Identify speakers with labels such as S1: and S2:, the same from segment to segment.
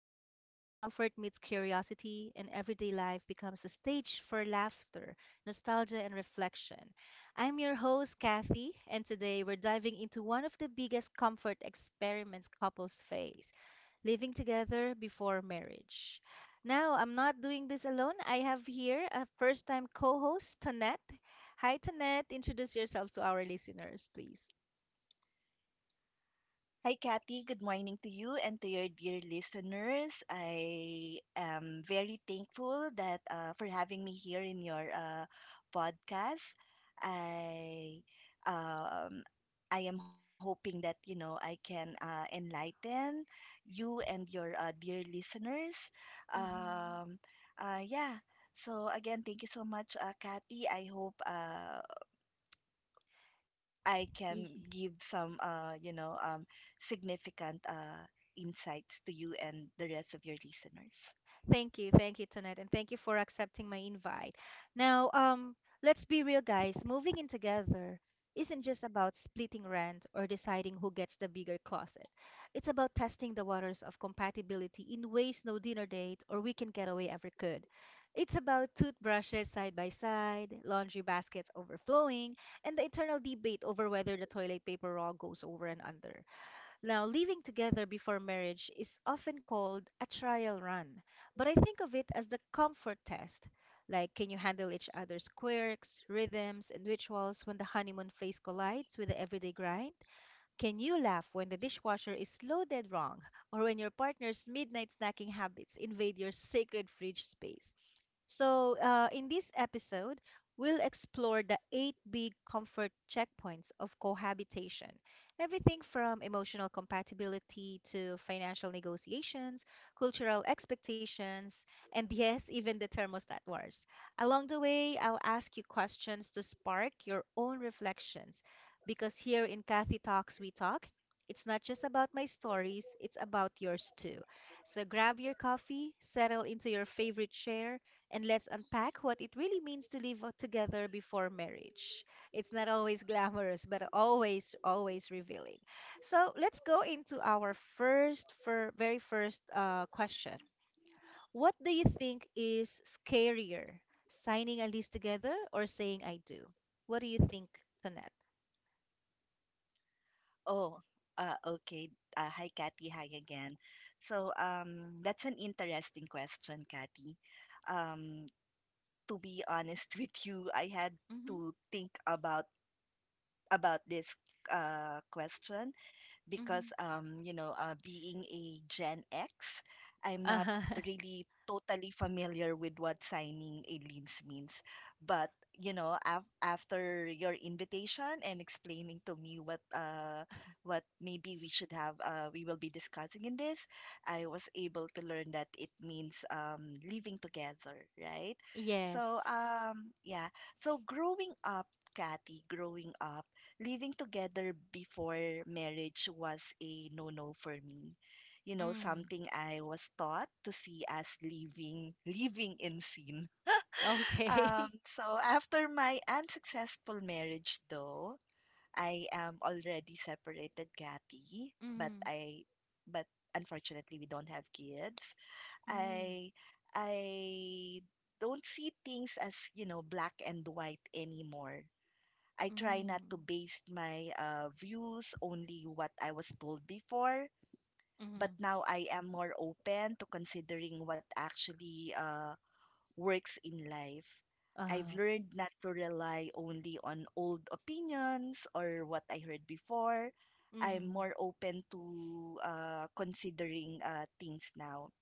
S1: the show where comfort meets curiosity and everyday life becomes a stage for laughter, nostalgia, and reflection. I'm your host, Kathy, and today we're diving into one of the biggest comfort experiments couples face living together before marriage. Now, I'm not doing this alone. I have here a first time co host, Tonette. Hi, Tonette. Introduce yourself to our listeners, please.
S2: Hi, Kathy. Good morning to you and to your dear listeners. I am very thankful that for having me here in your podcast. I um, I am hoping that I can enlighten you and your dear listeners.
S1: Mm-hmm.
S2: Um, yeah. So again, thank you so much, Kathy. I hope I can give some, significant insights to you and the rest of your listeners.
S1: Thank you. Thank you, Tonette. And thank you for accepting my invite. Now, let's be real, guys. Moving in together isn't just about splitting rent or deciding who gets the bigger closet. It's about testing the waters of compatibility in ways no dinner date or weekend getaway ever could. It's about toothbrushes side by side, laundry baskets overflowing, and the eternal debate over whether the toilet paper roll goes over and under. Now, living together before marriage is often called a trial run, but I think of it as the comfort test. Like, can you handle each other's quirks, rhythms, and rituals when the honeymoon phase collides with the everyday grind? Can you laugh when the dishwasher is loaded wrong or when your partner's midnight snacking habits invade your sacred fridge space? So, in this episode, we'll explore the eight big comfort checkpoints of cohabitation. Everything from emotional compatibility to financial negotiations, cultural expectations, and yes, even the thermostat wars. Along the way, I'll ask you questions to spark your own reflections because here in Kathy Talks, we talk. It's not just about my stories, it's about yours too. So grab your coffee, settle into your favorite chair, and let's unpack what it really means to live together before marriage. It's not always glamorous, but always, always revealing. So let's go into our very first question. What do you think is scarier, signing a lease together or saying I do? What do you think, Tonette?
S2: Oh, okay. Hi, Kathy. Hi again. So that's an interesting question, Kathy. Um, to be honest with you, I had
S1: Mm-hmm.
S2: to think about this question because
S1: Mm-hmm.
S2: being a Gen X, I'm not
S1: Uh-huh.
S2: really totally familiar with what signing a lease means. But you know, after your invitation and explaining to me what maybe we should have we will be discussing in this, I was able to learn that it means living together, right?
S1: Yes.
S2: So um yeah, so growing up, Kathy, growing up, living together before marriage was a no no for me. You know,
S1: Mm.
S2: something I was taught to see as living in sin.
S1: Okay.
S2: Um, so after my unsuccessful marriage though, I am already separated, Kathy, but
S1: Mm.
S2: I but unfortunately we don't have kids.
S1: Mm.
S2: I I don't see things as, you know, black and white anymore. I try not to
S1: Mm.
S2: base my views only what I was told before, but
S1: Mm.
S2: now I am more open to considering what actually works in life. I've
S1: Uh-huh.
S2: learned not to rely only on old opinions or what I heard before. I'm
S1: Mm.
S2: more open to considering things now.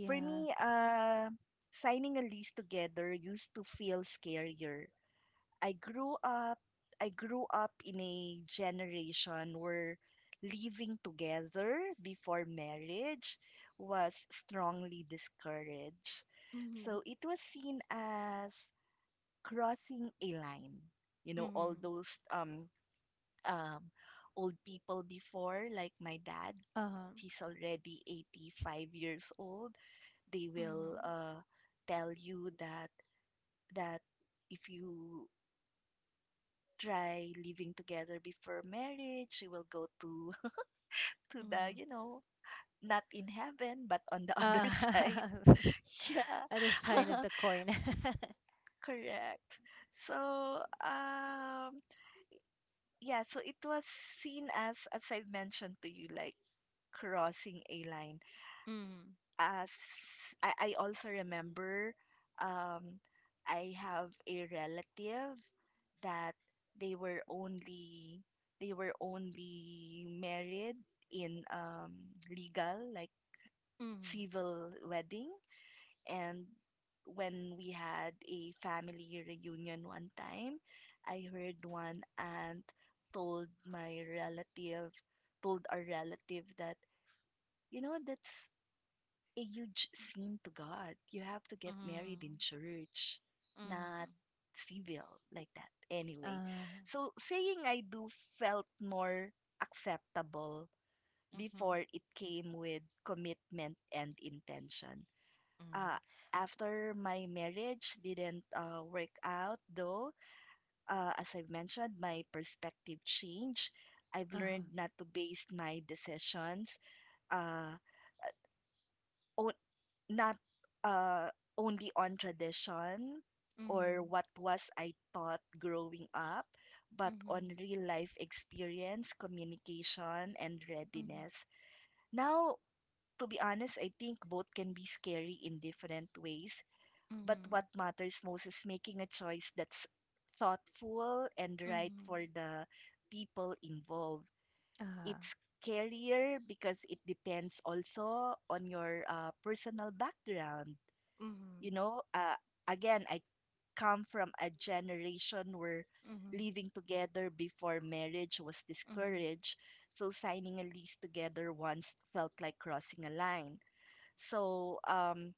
S2: For me, signing a lease together used to feel scarier. I grew up I grew up in a generation where living together before marriage was strongly discouraged.
S1: Mhm.
S2: So it was seen as crossing a line. You know, all
S1: Mm-hmm.
S2: those um old people before, like my dad,
S1: Uh-huh.
S2: he's already 85 years old. They will
S1: Mm-hmm.
S2: tell you that if you try living together before marriage. She will go to to the,
S1: Mm-hmm.
S2: you know, not in heaven but on the other
S1: Uh,
S2: side. Yeah.
S1: other side of the coin.
S2: Correct. So, um yeah, so it was seen as I mentioned to you like crossing a line.
S1: Mm-hmm.
S2: as I also remember um, I have a relative that they were only they were only married in legal like
S1: Mm-hmm.
S2: civil wedding, and when we had a family reunion one time I heard one aunt told my relative told our relative that you know that's a huge sin to God. You have to get married in church,
S1: Mm-hmm.
S2: not civil like that. Anyway,
S1: Mm-hmm.
S2: so saying I do felt more acceptable
S1: Mm-hmm.
S2: before it came with commitment and intention. Uh,
S1: Mm-hmm.
S2: After my marriage didn't work out, though, as I've mentioned, my perspective changed. I've
S1: Uh-huh.
S2: learned not to base my decisions uh, on, not uh, only on tradition or
S1: Mm-hmm.
S2: what was I taught growing up, but
S1: Mm-hmm.
S2: on real life experience, communication, and
S1: Mm-hmm.
S2: readiness. Now, to be honest, I think both can be scary in different ways, but
S1: Mm-hmm.
S2: what matters most is making a choice that's thoughtful and right for
S1: Mm-hmm.
S2: the people involved.
S1: Uh-huh.
S2: It's scarier because it depends also on your personal background,
S1: Mm-hmm.
S2: you know, again, I come from a generation where
S1: Mm-hmm.
S2: living together before marriage was
S1: Mm-hmm.
S2: discouraged. So signing a lease together once felt like crossing a line. So um,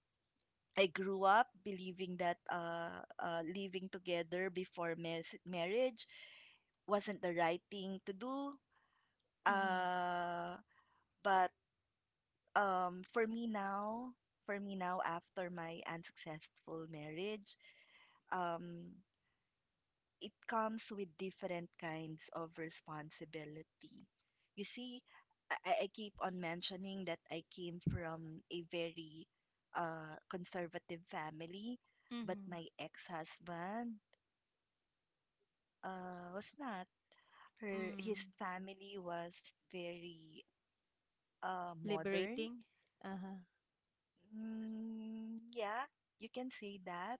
S2: I grew up believing that living together before marriage wasn't the right thing to do.
S1: Mm-hmm.
S2: Uh, but um for me now for me now after my unsuccessful marriage, um it comes with different kinds of responsibility. You see, I keep on mentioning that I came from a very conservative family, but
S1: Mm-hmm.
S2: my ex-husband was not, her his
S1: Mm.
S2: family was very modern.
S1: Liberating. Uh-huh.
S2: Yeah, you can say that.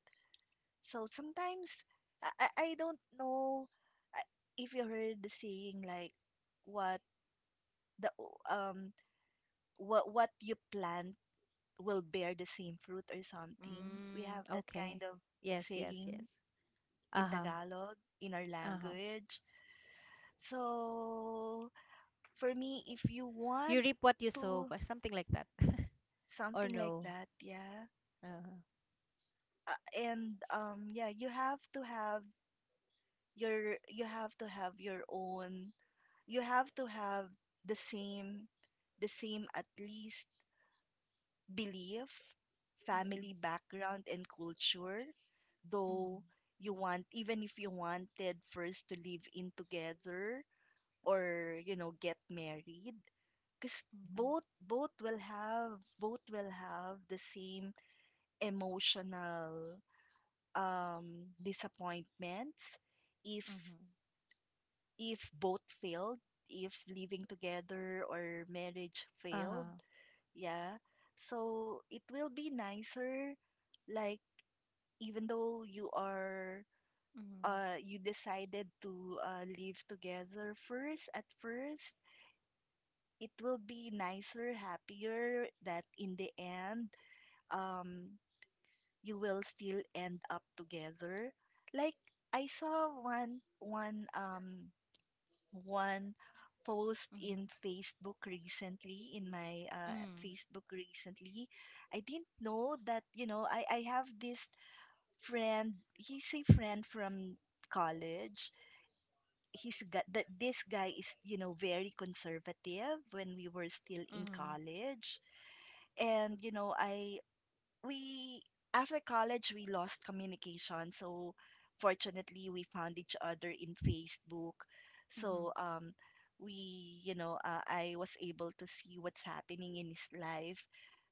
S2: So sometimes I don't know uh, if you heard the saying, like what the o- um what you plant will bear the same fruit or something. We
S1: Mm.
S2: have that
S1: Okay.
S2: kind of
S1: Yes, yes,
S2: saying
S1: yes.
S2: in
S1: Uh-huh.
S2: Tagalog in our
S1: Uh-huh.
S2: language. So for me, if you
S1: You
S2: want
S1: reap what you sow,
S2: to
S1: or something like that. or
S2: something like
S1: no.
S2: that, yeah,
S1: Uh-huh.
S2: and yeah, you have to have your you have to have your own you have to have the same at least belief,
S1: Mhm,
S2: family background and culture, though
S1: mhm,
S2: you want, even if you wanted first to live in together or you know get married, because both will have the same emotional disappointments if
S1: mhm, mhm.
S2: if both failed, if living together or marriage failed,
S1: Uh-huh.
S2: yeah. So it will be nicer, like even though you are
S1: Mhm,
S2: you decided to live together first at first, it will be nicer, happier that in the end, um, you will still end up together. Like I saw one post
S1: mhm,
S2: in Facebook recently, in my Facebook recently. I didn't know that, you know, I have this friend, he's a friend from college. He's got that This guy is, you know, very conservative when we were still
S1: mhm,
S2: in
S1: mhm,
S2: college. And, you know, I we after college we lost communication, so fortunately we found each other in Facebook.
S1: mhm,
S2: so um we, you know, I was able to see what's happening in his life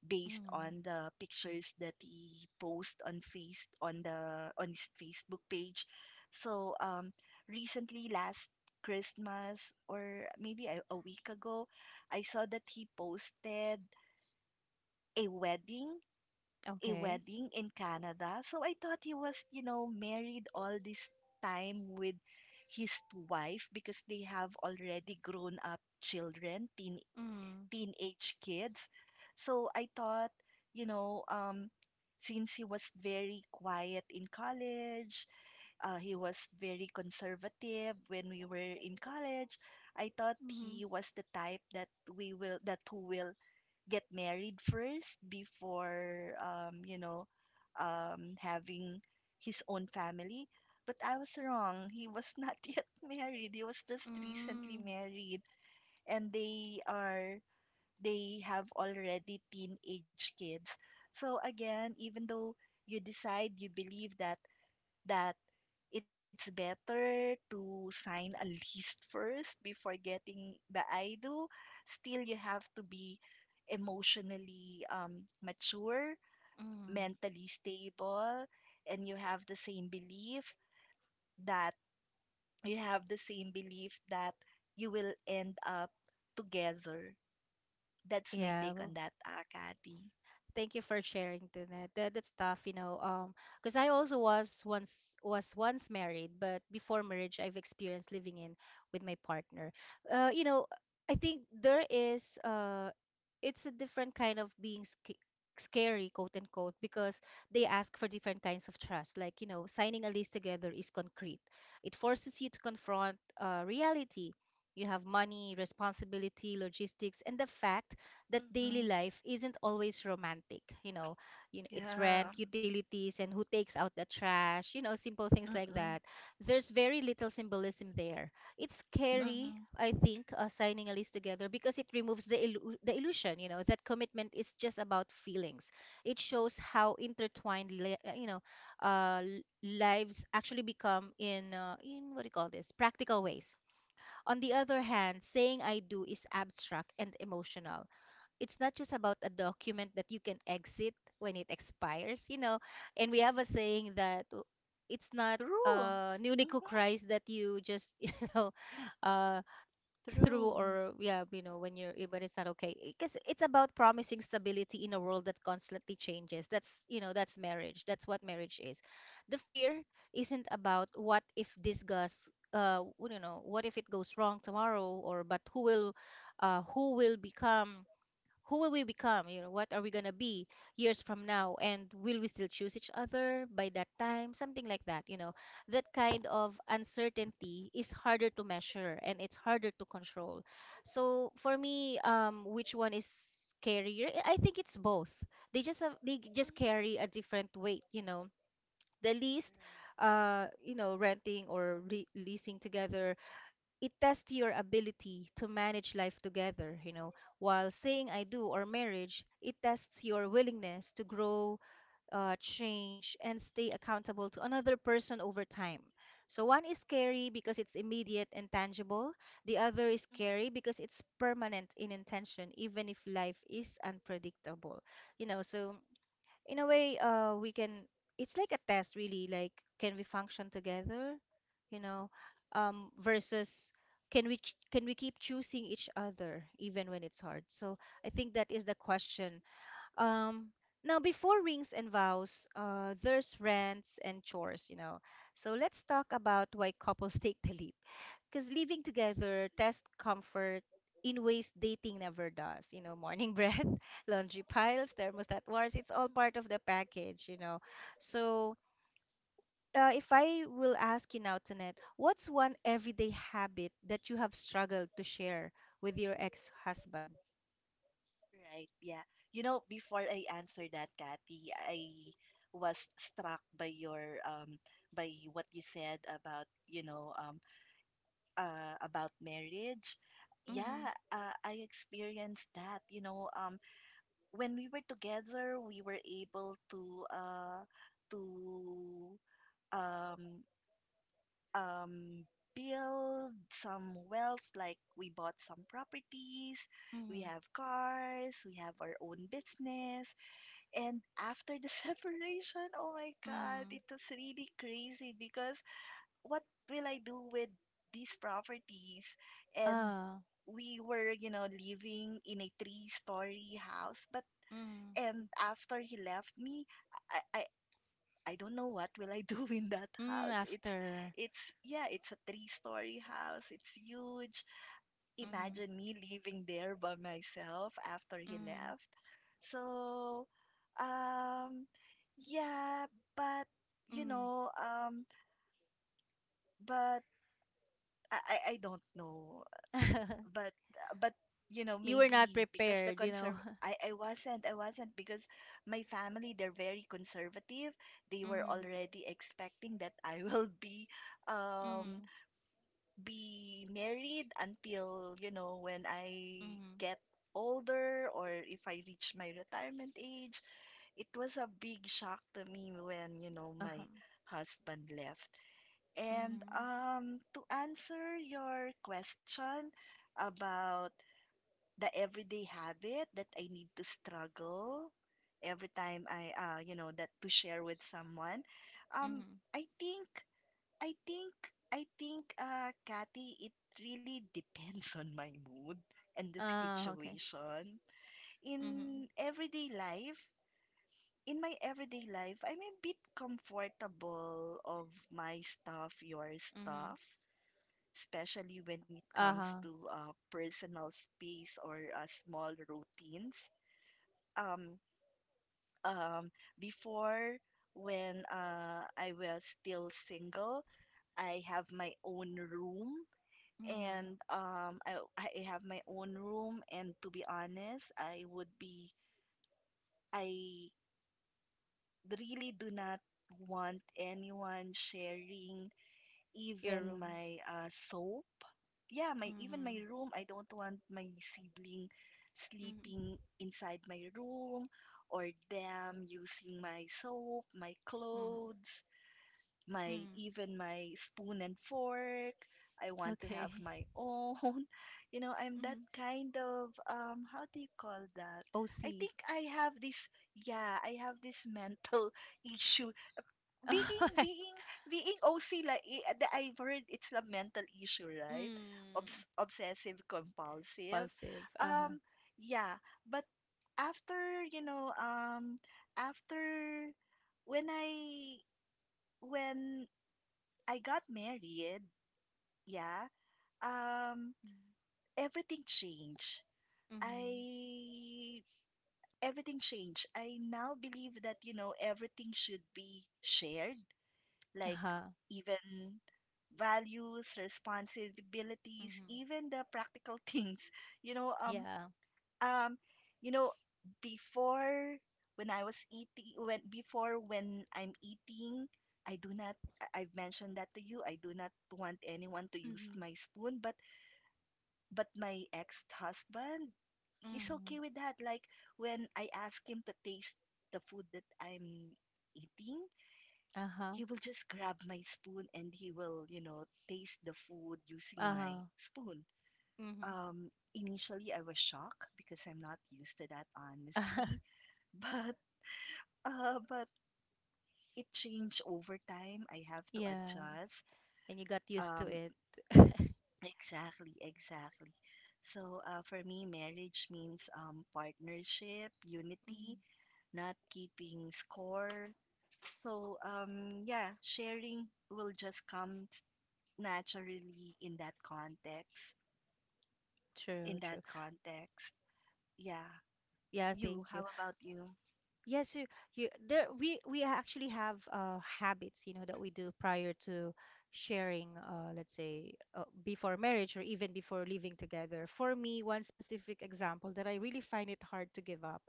S2: based
S1: mhm.
S2: on the pictures that he posts on face on the on his Facebook page. so um Recently last Christmas or maybe a week ago, I saw that he posted a wedding, a
S1: Okay.
S2: wedding in Canada. So I thought he was, you know, married all this time with his wife because they have already grown up children,
S1: Mm,
S2: teenage kids. So I thought, you know, since he was very quiet in college, he was very conservative when we were in college. I thought
S1: mhm,
S2: he was the type that we will that who will get married first before having his own family. But I was wrong. He was not yet married. He was just recently
S1: mm,
S2: married, and they have already teenage kids. So again, even though you decide you believe that it's better to sign a list first before getting the I do. Still, you have to be emotionally mature,
S1: mhm.
S2: mentally stable, and you have the same belief that you have the same belief that you will end up together. That's my
S1: Yeah.
S2: take on that, Kathy.
S1: Thank you for sharing, Tunette. That that's tough, you know. Because I also was once married, but before marriage, I've experienced living in with my partner. You know, I think there is it's a different kind of being scary, quote unquote, because they ask for different kinds of trust. Like, you know, signing a lease together is concrete. It forces you to confront reality. You have money, responsibility, logistics, and the fact that daily
S2: Mm-hmm.
S1: life isn't always romantic. You know, it's rent,
S2: Yeah.
S1: utilities, and who takes out the trash. You know, simple things like
S2: Mm-mm.
S1: that. There's very little symbolism there. It's scary,
S2: Mm-hmm.
S1: I think, signing a lease together because it removes the the illusion. You know, that commitment is just about feelings. It shows how intertwined, lives actually become in what do you call this? Practical ways. On the other hand, saying I do is abstract and emotional. It's not just about a document that you can exit when it expires, you know. And we have a saying that it's not
S2: True.
S1: newly cooked
S2: Mm-hmm.
S1: rice that you just uh through,
S2: True.
S1: or yeah, you know, when it's not okay, because it's about promising stability in a world that constantly changes. That's, you know, that's marriage. That's what marriage is. The fear isn't about what if this goes uh you know what if it goes wrong tomorrow, or but uh who will become who will we become? You know, what are we gonna be years from now? And will we still choose each other by that time? Something like that, you know. That kind of uncertainty is harder to measure and it's harder to control. So for me, which one is scarier? I think it's both. They just carry a different weight, you know. The least, renting or re leasing together, it tests your ability to manage life together, you know. While saying I do or marriage, it tests your willingness to grow, change, and stay accountable to another person over time. So one is scary because it's immediate and tangible. The other is
S2: Right.
S1: scary because it's permanent in intention, even if life is unpredictable. You know, so in a way we can it's like a test really, like, can we function together, you know, versus can we keep choosing each other even when it's hard. So I think that is the question. um, Now, before rings and vows, there's rents and chores, you know. So let's talk about why couples take the leap. Because living together tests comfort in ways dating never does. You know, morning breath, laundry piles, thermostat wars, it's all part of the
S2: Mhm.
S1: package, you know. So if I will ask you now, Tanet, what's one everyday habit that you have struggled to share with your ex-husband?
S2: Right, yeah. You know, before I answer that, Kathy, I was struck by your by what you said about, you know, about marriage.
S1: Mm-hmm.
S2: Yeah, I experienced that, you know, when we were together, we were able to to um um, build some wealth, like we bought some properties, we
S1: Mm-hmm.
S2: have cars, we have our own business. And after the separation, oh my God,
S1: Mm-hmm.
S2: it was really crazy because what will I do with these properties? And
S1: Ah,
S2: we were, you know, living in a three-story house, but
S1: mm-hmm.
S2: and after he left me, I, I I don't know what will I do in that
S1: Mm,
S2: house.
S1: after.
S2: It's Yeah, it's a three-story house. It's huge.
S1: Mhm.
S2: Imagine me living there by myself after he
S1: Mhm.
S2: left. So, um yeah, but you
S1: Mhm.
S2: know, but I don't know. But but You know,
S1: You were not
S2: maybe because the
S1: prepared, you know.
S2: conserv I wasn't I wasn't because my family they're very conservative. They were
S1: Mhm.
S2: already expecting that I will um
S1: Mhm.
S2: be married until you know when I
S1: Mhm.
S2: get older or if I reach my retirement age. It was a big shock to me when you know
S1: Uh-huh.
S2: my husband left. And
S1: Mhm.
S2: to answer your question about the everyday habit that I need to struggle every time I you know that to share with someone. Um
S1: Mhm.
S2: I think I think I think Kathy it really depends on my mood and the
S1: Ah, okay.
S2: situation.
S1: Mhm.
S2: In everyday life, in my everyday life, I'm a bit comfortable of my stuff, your
S1: Mhm.
S2: stuff, especially when it comes
S1: Uh-huh.
S2: to personal space or small routines. Um um before When I was still single, I have my own room
S1: Mhm.
S2: I have my own room, and to be honest, I would be I really do not want anyone sharing
S1: Your
S2: even
S1: room.
S2: my soap. Yeah, my even my
S1: Mhm.
S2: room. I don't want my sibling
S1: Mhm.
S2: sleeping inside my room or them using my soap, my
S1: Mhm.
S2: clothes, my
S1: Mhm.
S2: even my spoon and fork. I want to have
S1: Okay.
S2: my own. You know, I'm that
S1: Mhm.
S2: kind of how do you call that? I
S1: OC.
S2: think I have this Yeah, I have this mental issue being being OC like I- the I've heard it's a mental issue, right?
S1: Mm.
S2: Obsessive compulsive.
S1: Impulsive. Uh-huh.
S2: Um, yeah, but after, you know, after when I when I got married, yeah, um,
S1: Mhm.
S2: everything changed.
S1: Mhm.
S2: I Everything changed. I now believe that, you know, everything should be shared like
S1: Uh-huh.
S2: even values, responsibilities,
S1: Mhm.
S2: even the practical things. You know, um,
S1: Yeah.
S2: um, you know, Before when I was eating, when before when I'm eating, I do not. I've mentioned that to you. I do not want anyone to use
S1: Mhm.
S2: my spoon, but my ex-husband, he's
S1: Mhm.
S2: okay with that. Like when I ask him to taste the food that I'm eating,
S1: Uh-huh.
S2: he will just grab my spoon and he will, taste the food using my
S1: Uh-huh.
S2: spoon.
S1: Mhm.
S2: Initially, I was shocked because I'm not used to that, honestly. But, uh, but it changed over time. I have to
S1: Yeah.
S2: adjust.
S1: And you got used to
S2: Um,
S1: it.
S2: exactly, exactly. So, for me, marriage means partnership, unity,
S1: Mhm.
S2: not keeping score. So, yeah, sharing will just come naturally in that context.
S1: True,
S2: In
S1: true.
S2: that context. Yeah.
S1: Yeah, thank
S2: You,
S1: you.
S2: how about you?
S1: Yes, you, there, we actually have habits, you know, that we do prior to sharing let's say, before marriage or even before living together. For me, one specific example that I really find it hard to give up,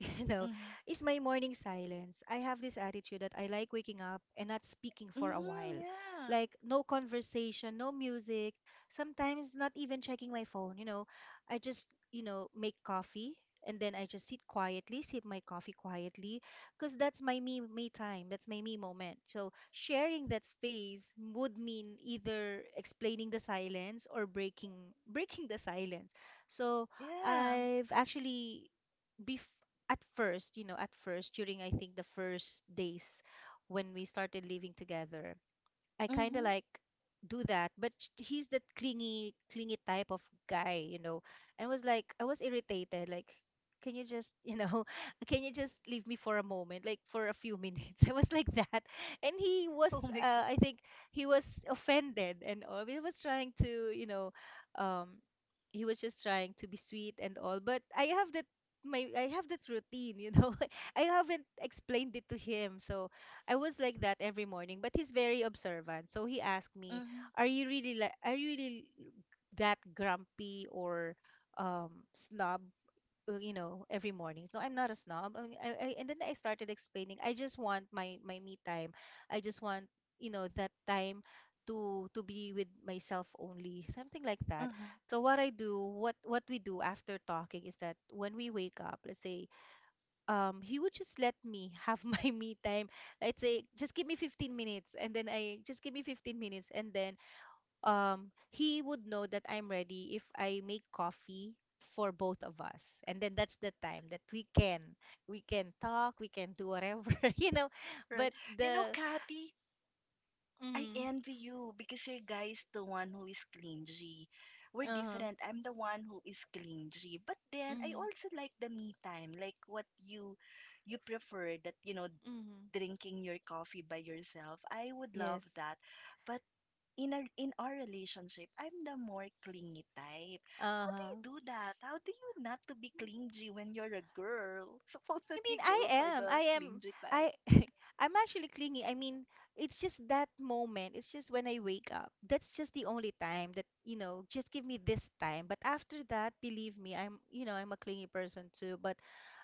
S1: you know,
S2: Mm-hmm.
S1: is my morning silence. I have this attitude that I like waking up and not speaking for a
S2: Mm-hmm.
S1: while.
S2: Yeah.
S1: Like, no conversation, no music, sometimes not even checking my phone. You know, I just, you know, make coffee and then I just sit quietly, sip my coffee quietly, because that's my me, me time, that's my me moment. So, sharing that space would mean either explaining the silence or breaking the silence. So,
S2: Yeah.
S1: I've actually bef at first during, I think, the first days when we started living together, I kind of
S2: Mm-hmm.
S1: like do that, but he's that clingy, clingy type of guy, you know. And was like, I was irritated. Like, can you just, you know, can you just leave me for a moment, like for a few minutes? I was like that, and
S2: Oh my God.
S1: I think he was offended and all. He was trying to, you know, um, he was just trying to be sweet and all. But I have that my I have that routine, you know. I haven't explained it to him, so I was like that every morning, but he's very observant. So he asked me,
S2: Mm-hmm.
S1: "Are you really that grumpy or snob, you know, every morning?" No, I'm not a snob. I mean, and then I started explaining, "I just want my me time. I just want, you know, that time to be with myself only, something like that."
S2: Mm-hmm.
S1: So what I do, what we do after talking is that when we wake up, let's say he would just let me have my me time. I'd say just give me 15 minutes, and then I just give me 15 minutes, and then he would know that I'm ready if I make coffee for both of us, and then that's the time that we can talk, we can do whatever you know,
S2: Right.
S1: but
S2: You know,
S1: the
S2: Kathy, I
S1: mm,
S2: envy you because your guy's the one who is clingy. We're
S1: uh-huh,
S2: different. I'm the one who is clingy. But then I
S1: mm,
S2: also like the me time, like what you prefer, you know,
S1: mm,
S2: drinking your coffee by yourself. I would
S1: yes,
S2: love that. But in our relationship, I'm the more clingy type. How do you
S1: uh-huh.
S2: do that? How do you not to be clingy when you're a girl?
S1: I
S2: Supposedly
S1: mean, I
S2: girls are
S1: am. I
S2: the
S1: am.
S2: clingy type.
S1: I I'm actually clingy. I mean, it's just that moment. It's just when I wake up. That's just the only time that, you know, just give me this time. But after that, believe me, I'm, you know, I'm a clingy person too. But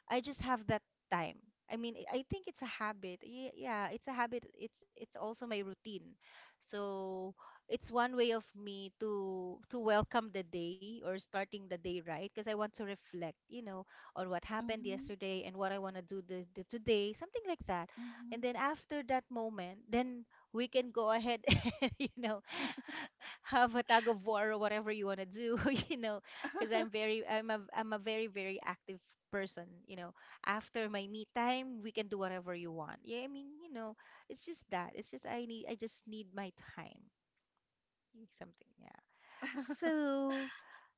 S1: I just have that time. I mean, I think it's a habit. Yeah, it's a habit. It's also my routine. So it's one way of me to welcome the day or starting the day right because I want to reflect, you know, on what happened
S2: Mm-hmm.
S1: yesterday and what I want to do the today, something like that. And then after that moment, then we can go ahead, and have a tug of war or whatever you want to do, you know because
S2: Mm-hmm.
S1: i'm very i'm a i'm a very very active person. After my me time, we can do whatever you want. Yeah, I mean, it's just that, it's just I need I just need my time, something, yeah. so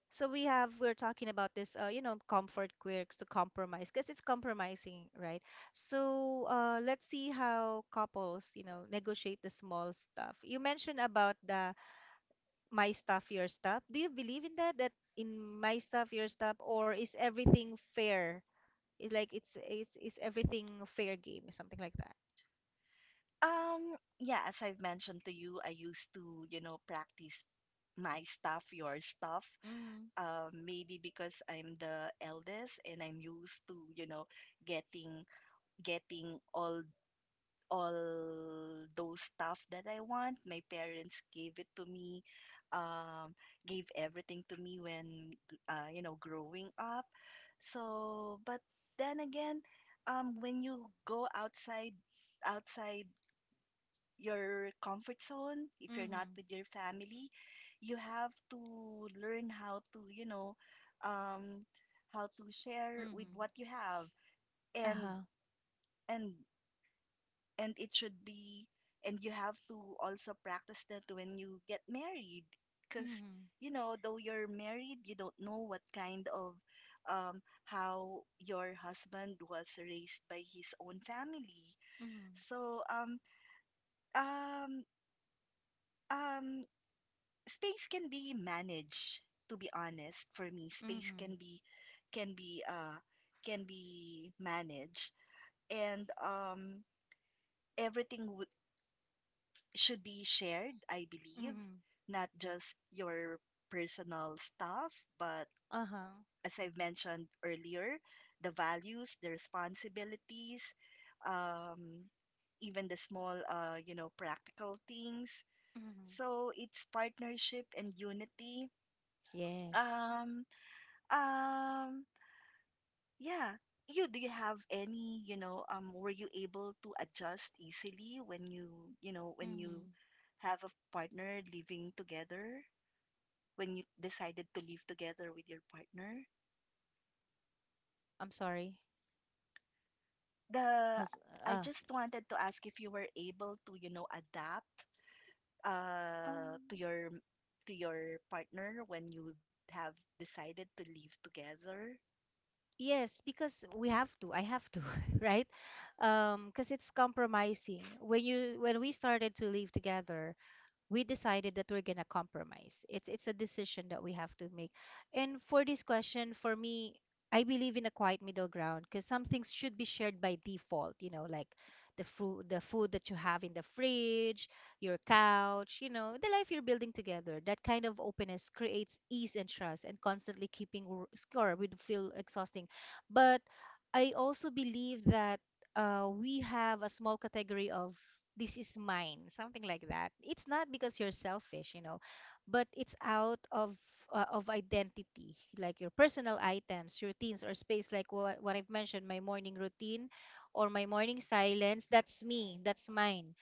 S1: so we're talking about this, comfort quirks to compromise, because it's compromising, right? So let's see how couples negotiate the small stuff. You mentioned about the my stuff, your stuff? Do you believe in that? That in my stuff, your stuff, or is everything fair? It's like, it's is everything fair game, something like that.
S2: Yeah, as I've mentioned to you, I used to, you know, practice my stuff, your stuff.
S1: Mm-hmm.
S2: Maybe because I'm the eldest and I'm used to, you know, getting getting all those stuff that I want. My parents gave it to me, um, gave everything to me when, you know, growing up. So, but then again, when you go outside, outside your comfort zone, if you're not
S1: Mm-hmm.
S2: with your family, you have to learn how to, you know, um, how to share with
S1: Mm-hmm.
S2: what you have and
S1: Uh-huh.
S2: and and it should be and you have to also practice that when you get married because
S1: Mm-hmm.
S2: you know though you're married you don't know what kind of how your husband was raised by his own family.
S1: Mm-hmm.
S2: So um um space can be managed. To be honest, for me, space
S1: Mm-hmm.
S2: can be can be uh can be managed. And Everything w should be shared, I believe,
S1: Mm-hmm.
S2: not just your personal stuff, but
S1: Uh-huh.
S2: as I've mentioned earlier, the values, the responsibilities, um, even the small, you know, practical things.
S1: Mm-hmm.
S2: So it's partnership and unity.
S1: Yes.
S2: Um, um, yeah. You, do you have any, you know, were you able to adjust easily when you know, when you
S1: Mm-hmm.
S2: have a partner living together? When you decided to live together with your partner.
S1: I'm sorry.
S2: The
S1: Has-
S2: I
S1: Uh,
S2: just wanted to ask if you were able to, you know, adapt uh to
S1: Um.
S2: your to your partner when you have decided to live together.
S1: Yes, because we have to. I have to, right? Because it's compromising. When we started to live together, we decided that we're gonna compromise. It's a decision that we have to make. And for this question, for me, I believe in a quiet middle ground because some things should be shared by default. Like the food that you have in the fridge, your couch. The life you're building together. That kind of openness creates ease and trust, and constantly keeping score would feel exhausting. But I also believe that, we have a small category of this is mine, something like that. It's not because you're selfish, but it's out of identity, like your personal items, routines, or space, like what I've mentioned, my morning routine or my morning silence. That's me. That's mine.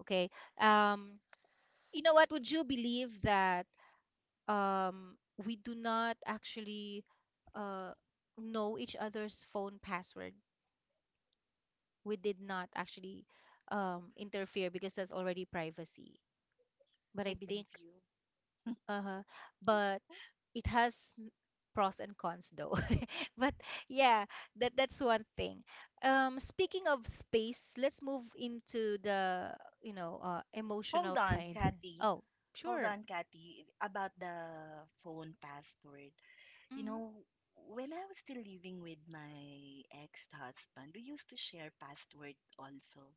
S1: Okay. Um, you know what? Would you believe that, um, we do not actually, uh, know each other's phone password? We did not actually, interfere, because that's already privacy. But
S2: I
S1: I
S2: believe
S1: think,
S2: you.
S1: uh, but it has pros and cons, though. But yeah, that's one thing. Speaking of space, let's move into the
S2: Hold
S1: emotional
S2: on,
S1: kind.
S2: Kathy.
S1: Oh,
S2: Hold
S1: sure.
S2: on, Kathy, about the phone password. You
S1: Mm-hmm.
S2: know, when I was still living with my ex-husband, we used to share password also.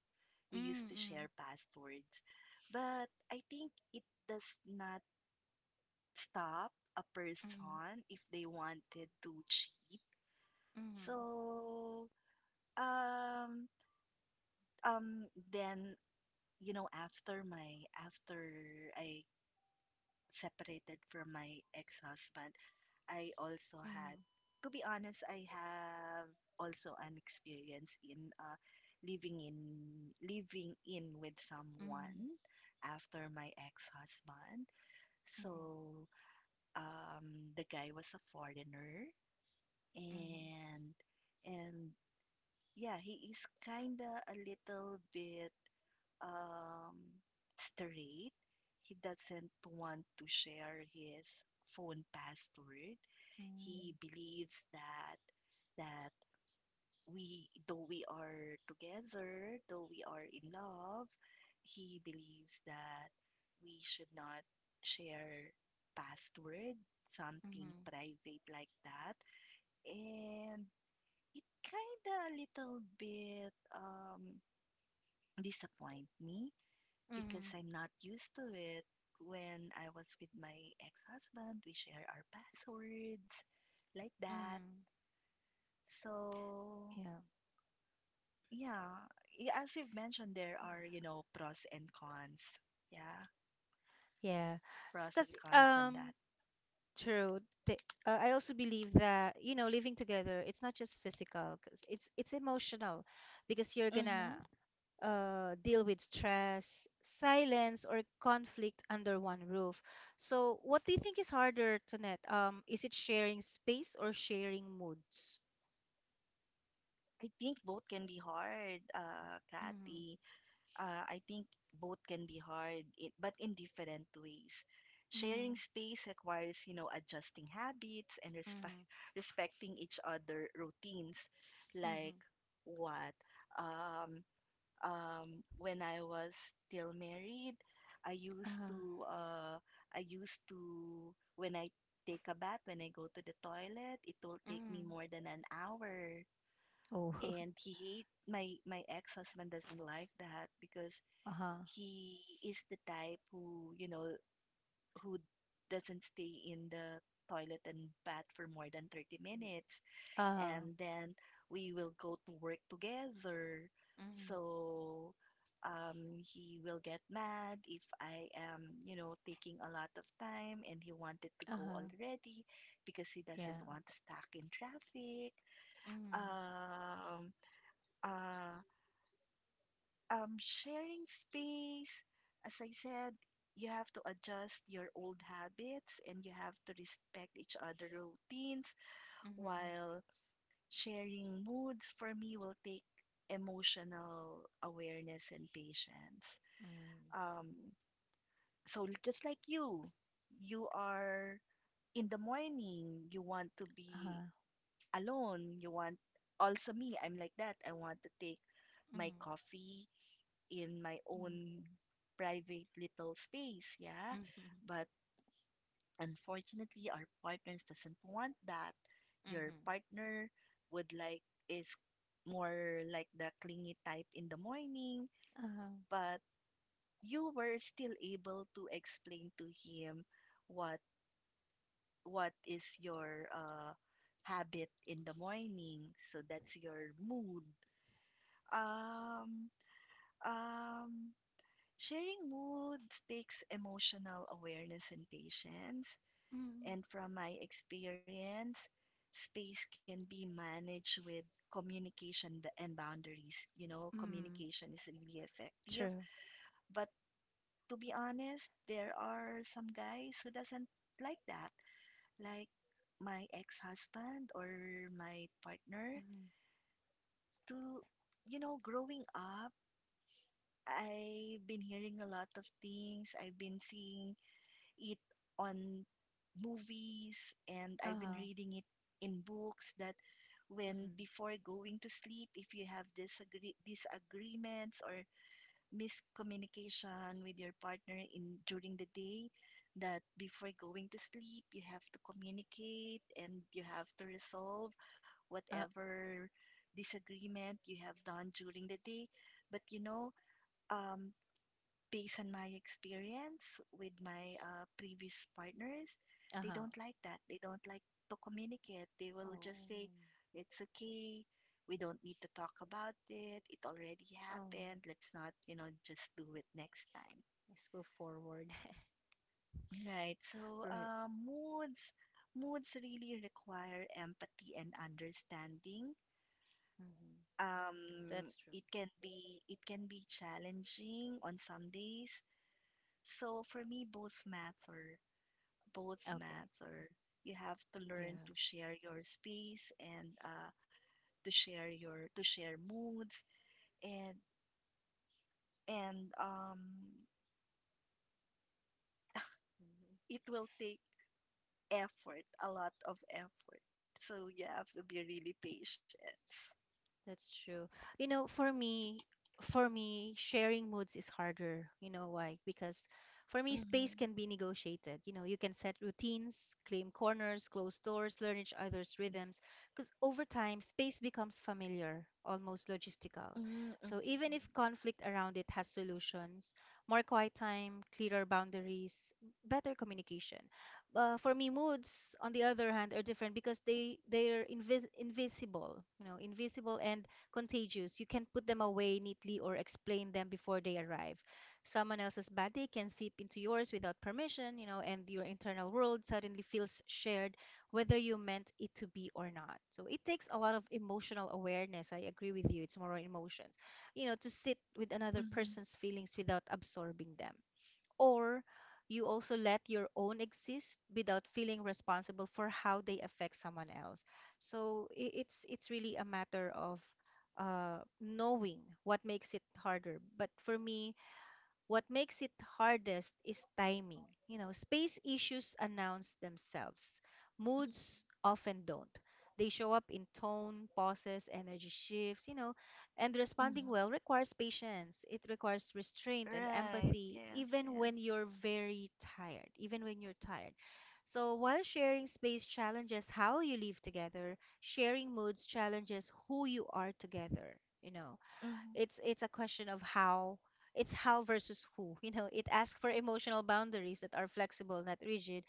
S2: We used to share
S1: Mm-hmm.
S2: passwords. But I think it does not stop a
S1: Mm-hmm.
S2: person if they wanted to cheat.
S1: Mm-hmm.
S2: So, um, um, then, you know, after I separated from my ex-husband, I also had, to be honest, I have also an experience in living in with
S1: Mm-hmm.
S2: someone
S1: Mm-hmm.
S2: after my ex-husband.
S1: Mm-hmm. Mm-hmm.
S2: So, the guy was a foreigner and and yeah, he is kinda a little bit um straight. He doesn't want to share his phone password. He believes that that we though we are together, though we are in love, he believes that we should not share password,
S1: Mm-hmm. Mm-hmm.
S2: something private like that. And it kinda a little bit disappoint me because
S1: Mm-hmm.
S2: I'm not used to it. When I was with my ex-husband, we share our passwords like that.
S1: Mm-hmm.
S2: So yeah, as you've mentioned, there
S1: Yeah.
S2: are, you know, pros and cons. Yeah,
S1: Yeah,
S2: pros
S1: because
S2: and cons on that.
S1: true. The, I also believe that, living together, it's not just physical, 'cause it's emotional, because you're gonna
S2: Mm-hmm.
S1: deal with stress, silence, or conflict under one roof. So, what do you think is harder, Tonette? Is it sharing space or sharing moods?
S2: I think both can be hard,
S1: Mm-hmm.
S2: Kathy. I think both can be hard, but in different ways.
S1: Mm-hmm.
S2: Sharing space requires, you know, adjusting habits and respect,
S1: Mm-hmm.
S2: respecting each other routines. Like
S1: Mm-hmm.
S2: what? Um, when I was still married, I used
S1: Uh-huh.
S2: to, when I take a bath, when I go to the toilet, it will take me
S1: Mm-hmm.
S2: more than an hour.
S1: Oh,
S2: And he hate my my ex-husband doesn't like that because
S1: uh-huh.
S2: he is the type who, you know, who doesn't stay in the toilet and bath for more than 30 minutes.
S1: Uh-huh.
S2: And then we will go to work together.
S1: Mm-hmm.
S2: So he will get mad if I am, you know, taking a lot of time and he wanted to go
S1: Uh-huh.
S2: already because he
S1: Yeah.
S2: doesn't want to stuck in traffic. Um, uh, sharing space, as I said, you have to adjust your old habits and you have to respect each other routines
S1: Mhm.
S2: while sharing moods for me will take emotional awareness and patience.
S1: Mm.
S2: Um, so just like you are in the morning, you want to be
S1: Uh-huh.
S2: alone, you want also me, I'm like that. I want to take my
S1: Mhm.
S2: coffee in my
S1: Mm.
S2: own private little space, yeah?
S1: Mhm.
S2: But unfortunately, our partners doesn't want that. Your
S1: Mhm.
S2: partner would like is more like the clingy type in the morning,
S1: Uh-huh.
S2: but you were still able to explain to him what what is your habit in the morning. So that's your mood. Um um Sharing moods takes emotional awareness and patience.
S1: Hmm.
S2: And from my experience, space can be managed with communication and boundaries. You know,
S1: Mm.
S2: communication is really effective.
S1: True.
S2: But to be honest, there are some guys who doesn't like that. Like my ex-husband or my partner.
S1: Mhm.
S2: To You know, growing up, I've been hearing a lot of things, I've been seeing it on movies and I've been
S1: Uh-huh.
S2: reading it in books that when
S1: Mhm.
S2: before going to sleep, if you have disagreements or miscommunication with your partner in during the day, that before going to sleep, you have to communicate and you have to resolve
S1: Uh,
S2: whatever disagreement you have done during the day. But you know, um, based on my experience with my previous partners, they
S1: uh-huh.
S2: don't like that. They don't like to communicate. They will just say,
S1: Oh.
S2: it's okay. We don't need to talk about it. It already
S1: Oh,
S2: happened. Let's not, you know, just do it next time.
S1: let's move forward.
S2: Right. So,
S1: Right.
S2: moods really require empathy and understanding.
S1: Mhm. That's true.
S2: It can be challenging on some days. So for me, both matter. Both
S1: Okay.
S2: matter. You have to
S1: Yeah.
S2: learn to share your space and to share moods and and
S1: Mhm.
S2: it will take effort, a lot of effort. So you have to be really patient.
S1: That's true. You know, for me, sharing moods is harder. You know why? Because for me,
S2: Mm-hmm.
S1: space can be negotiated. You know, you can set routines, claim corners, close doors, learn each other's rhythms. Because over time, space becomes familiar, almost logistical.
S2: Mm,
S1: So
S2: okay.
S1: even if conflict around it has solutions, more quiet time, clearer boundaries, better communication, for me, moods on the other hand are different, because they're invisible, invisible and contagious. You can put them away neatly or explain them before they arrive. Someone else's bad day can seep into yours without permission, and your internal world suddenly feels shared, whether you meant it to be or not. So it takes a lot of emotional awareness. I agree with you, it's more on emotions. To sit with another
S2: Mm-hmm.
S1: person's feelings without absorbing them, or you also let your own exist without feeling responsible for how they affect someone else. So it's really a matter of knowing what makes it harder, but for me, what makes it hardest is timing. You know, space issues announce themselves.
S2: Mm-hmm.
S1: Moods often don't. They show up in tone, pauses, energy shifts, you know, and responding
S2: Mm-hmm.
S1: well requires patience. It requires restraint and
S2: Right.
S1: empathy,
S2: Yes.
S1: even when
S2: Yes.
S1: you're very tired, even when you're tired. So, while sharing space challenges how you live together, sharing moods challenges who you are together. You know, it's
S2: Mm-hmm.
S1: it's a question of how. It's how versus who, you know. It asks for emotional boundaries that are flexible, not rigid.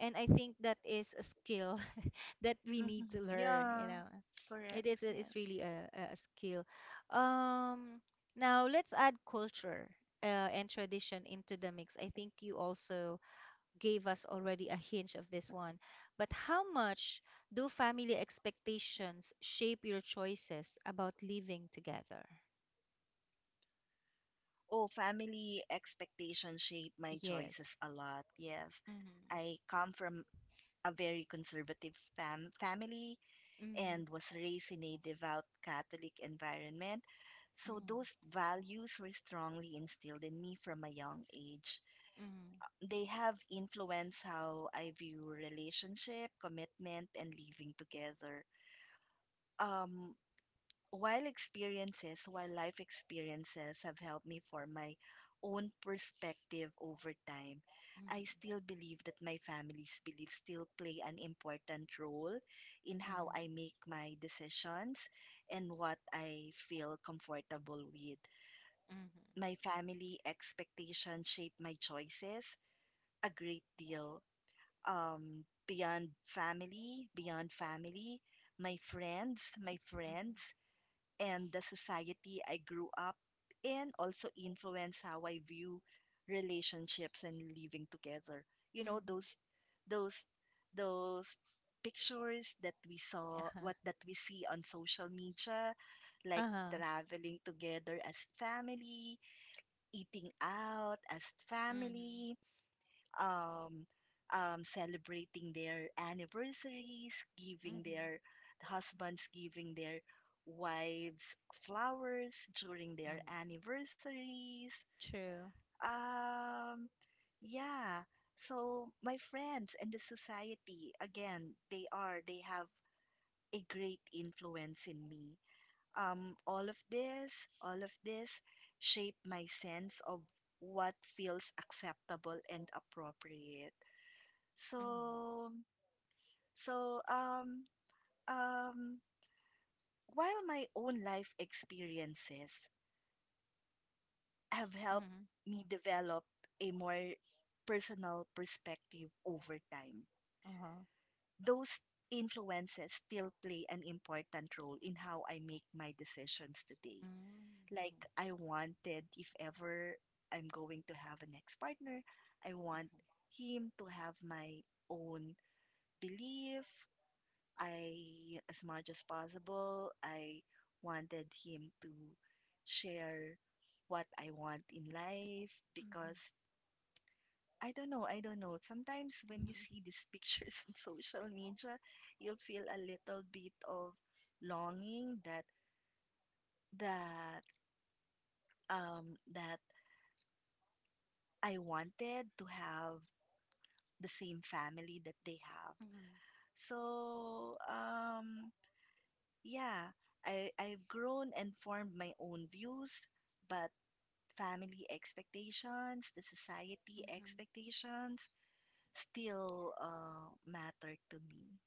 S1: And I think that is a skill that we
S2: Mm-hmm.
S1: need to learn you
S2: Yeah.
S1: know it
S2: Correct.
S1: is a- it's
S2: Yes.
S1: really a skill um Now, let's add culture, and tradition into the mix. I think you also gave us already a hint of this one, but how much do family expectations shape your choices about living together?
S2: Oh, family expectations shape my
S1: Yes.
S2: choices a lot. Yes.
S1: Mhm.
S2: I come from a very conservative family
S1: Mhm.
S2: and was raised in a devout Catholic environment. So
S1: Mhm.
S2: those values were strongly instilled in me from a young age. They have influenced how I view relationship, commitment, and living together. Um, while life experiences have helped me form my own perspective over time,
S1: Mhm.
S2: I still believe that my family's beliefs still play an important role in how
S1: Mhm.
S2: I make my decisions and what I feel comfortable with.
S1: Mhm.
S2: My family expectations shape my choices a great deal. Beyond family, my
S1: Mhm.
S2: friends and the society I grew up in also influence how I view relationships and living together. You
S1: Mhm.
S2: know,
S1: Mhm.
S2: those those pictures that we saw
S1: Uh-huh.
S2: what that we see on social media like
S1: Uh-huh.
S2: traveling together as family, eating out as
S1: Mhm.
S2: family, um, celebrating their anniversaries, giving
S1: Mhm.
S2: their husbands, giving their wives flowers during their
S1: Mhm.
S2: anniversaries.
S1: True.
S2: Um, yeah. So my friends and the society, again, they have a great influence in me. All of this shape my sense of what feels acceptable and appropriate.
S1: Mhm.
S2: So, so um while my own life experiences have helped
S1: Mhm.
S2: me develop a more personal perspective over time,
S1: Uh-huh.
S2: those influences still play an important role in how I make my decisions today.
S1: Mhm. Mhm.
S2: Like I wanted if ever I'm going to have an ex-partner, I want
S1: Mhm.
S2: him to have my own belief. I, as much as possible, I wanted him to share what I want in life because
S1: Mhm.
S2: I don't know, I don't know. Sometimes when you
S1: Mhm.
S2: see these pictures in social media, you'll feel a little bit of longing that that I wanted to have the same family that they have.
S1: Mhm.
S2: So yeah, I've grown and formed my own views, but family expectations, the society
S1: Mhm.
S2: expectations still matter to me.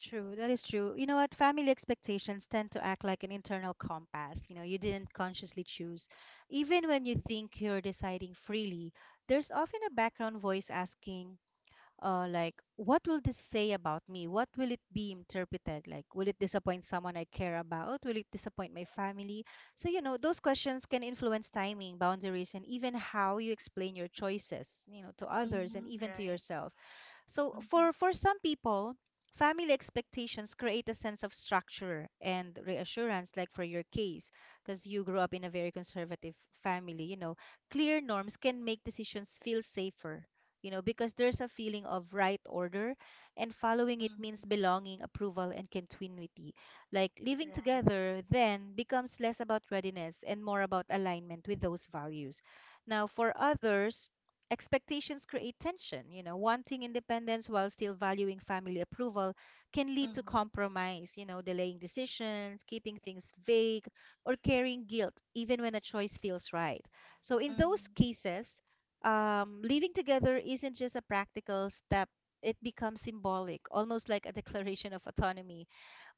S1: True, that is true. You know what? Family expectations tend to act like an internal compass. You know, you didn't consciously choose. Even when you think you're deciding freely, there's often a background voice asking, like, what will this say about me? What will it be interpreted? Like, will it disappoint someone I care about? Will it disappoint my family? So, those questions can influence timing, boundaries, and even how you explain your choices, to others and
S2: Mm-hmm.
S1: even to
S2: Right.
S1: yourself. So
S2: Mm-hmm.
S1: for some people, family expectations create a sense of structure and reassurance, like for your case, because you grew up in a very conservative family, clear norms can make decisions feel safer. Because there's a feeling of right order, and following it means
S2: Mm-hmm.
S1: belonging, approval, and continuity. Like, living
S2: Right.
S1: together then becomes less about readiness and more about alignment with those values. Now, for others, expectations create tension. Wanting independence while still valuing family approval can lead to
S2: Mm-hmm.
S1: compromise, delaying decisions, keeping things vague, or carrying guilt even when a choice feels right. So, in those
S2: Mm-hmm.
S1: cases, living together isn't just a practical step, it becomes symbolic, almost like a declaration of autonomy.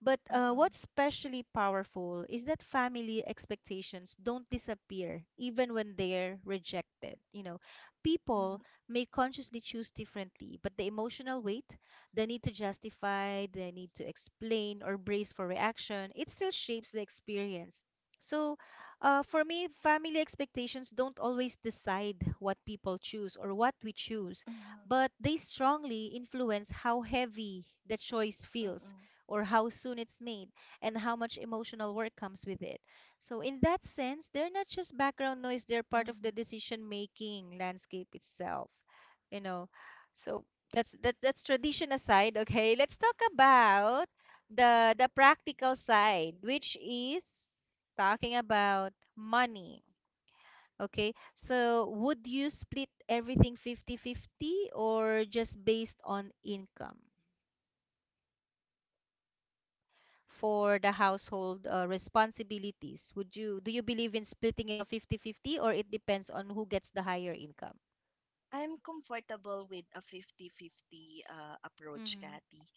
S1: But what's
S2: Mm-hmm.
S1: especially powerful is that family expectations don't disappear even when they're rejected. People
S2: Mm-hmm.
S1: may consciously choose differently, but the emotional weight, the need to justify, the need to explain or brace for reaction, it still shapes the experience. So, for me, family expectations don't always decide what people choose or what we choose, but
S2: Mm-hmm.
S1: they strongly influence how heavy the choice
S2: Mm-hmm.
S1: feels
S2: Mm-hmm.
S1: or how soon it's made and how much emotional work comes with it. So, in that sense, they're not just background noise, they're part of the decision making landscape itself, you know. So, that's tradition aside, okay? Let's talk about the practical side, which is talking about money. Okay, so would you split everything 50/50, or just based on income? For the household, responsibilities? Would you do you believe in splitting it up 50/50, or it depends on who gets the higher income?
S2: I'm comfortable with a 50-50 approach,
S1: Mm-hmm.
S2: Kathy.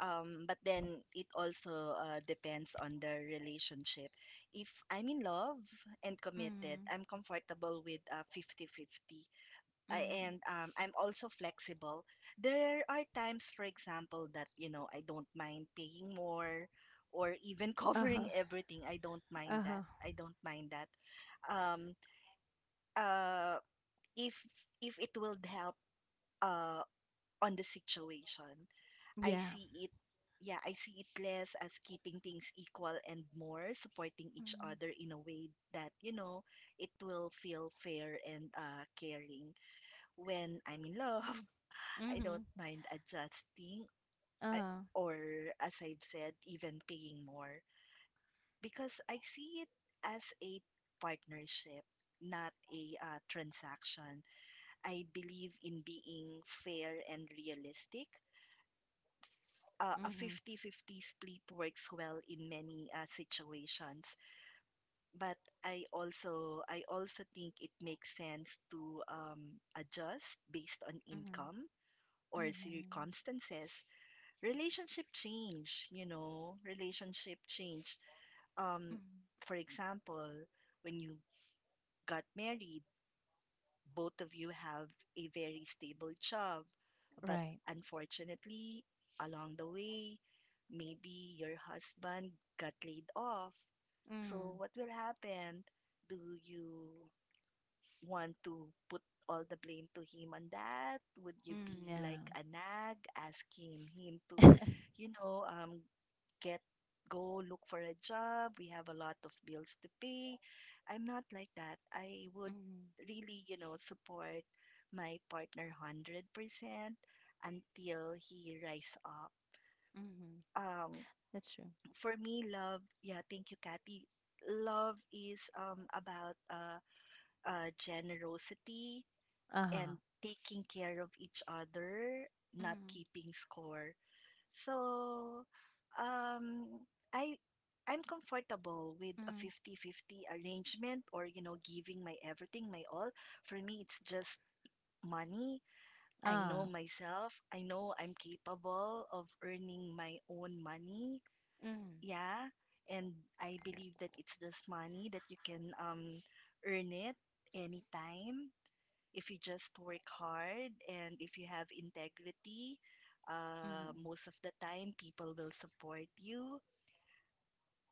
S2: But then it also depends on the relationship. If I'm in love and committed,
S1: Mm-hmm.
S2: I'm comfortable with 50-50,
S1: Mm-hmm.
S2: I'm also flexible. There are times, for example, that, you know, I don't mind paying more or even
S1: Uh-huh.
S2: covering everything. I don't mind
S1: Uh-huh.
S2: that. I don't mind that. Um, uh, if if it will help uh, on the situation. I
S1: Yeah.
S2: see it, yeah, I see it less as keeping things equal and more supporting each
S1: Mm-hmm.
S2: other in a way that, you know, it will feel fair and caring. When I'm in love, I
S1: Mm-hmm.
S2: don't mind adjusting I,
S1: Uh-huh.
S2: or, as I've said, even paying more because I see it as a partnership. Not a transaction. I believe in being fair and realistic. A
S1: Mm-hmm.
S2: 50-50 split works well in many situations, but I also think it makes sense to adjust based on income
S1: Mm-hmm.
S2: or
S1: Mm-hmm.
S2: circumstances. Relationship change you know relationship change um,
S1: Mm-hmm.
S2: for example, when you got married, both of you have a very stable job, but
S1: Right.
S2: unfortunately, along the way, maybe your husband got laid off. So
S1: Mm,
S2: what will happen? Do you want to put all the blame to him on that? Would you
S1: mm.
S2: be
S1: Yeah.
S2: like a nag, asking him to, you know, um, get go look for a job? We have a lot of bills to pay. I'm not like that. I would
S1: mm,
S2: really, you know, support my partner 100% until he rise up.
S1: mm.
S2: Um,
S1: That's true.
S2: for me, love, yeah, thank you, Kathy. Love is about generosity
S1: Uh-huh.
S2: and taking care of each other, not
S1: mm,
S2: keeping score. So, um, I I'm comfortable with a
S1: mm.
S2: 50-50 arrangement or you know giving my everything, my all. For me, it's just money. I
S1: Uh,
S2: know myself. I know I'm capable of earning my own money.
S1: mm,
S2: Yeah. And I believe that it's just money that you can earn it anytime if you just work hard and if you have integrity,
S1: mm,
S2: most of the time people will support you.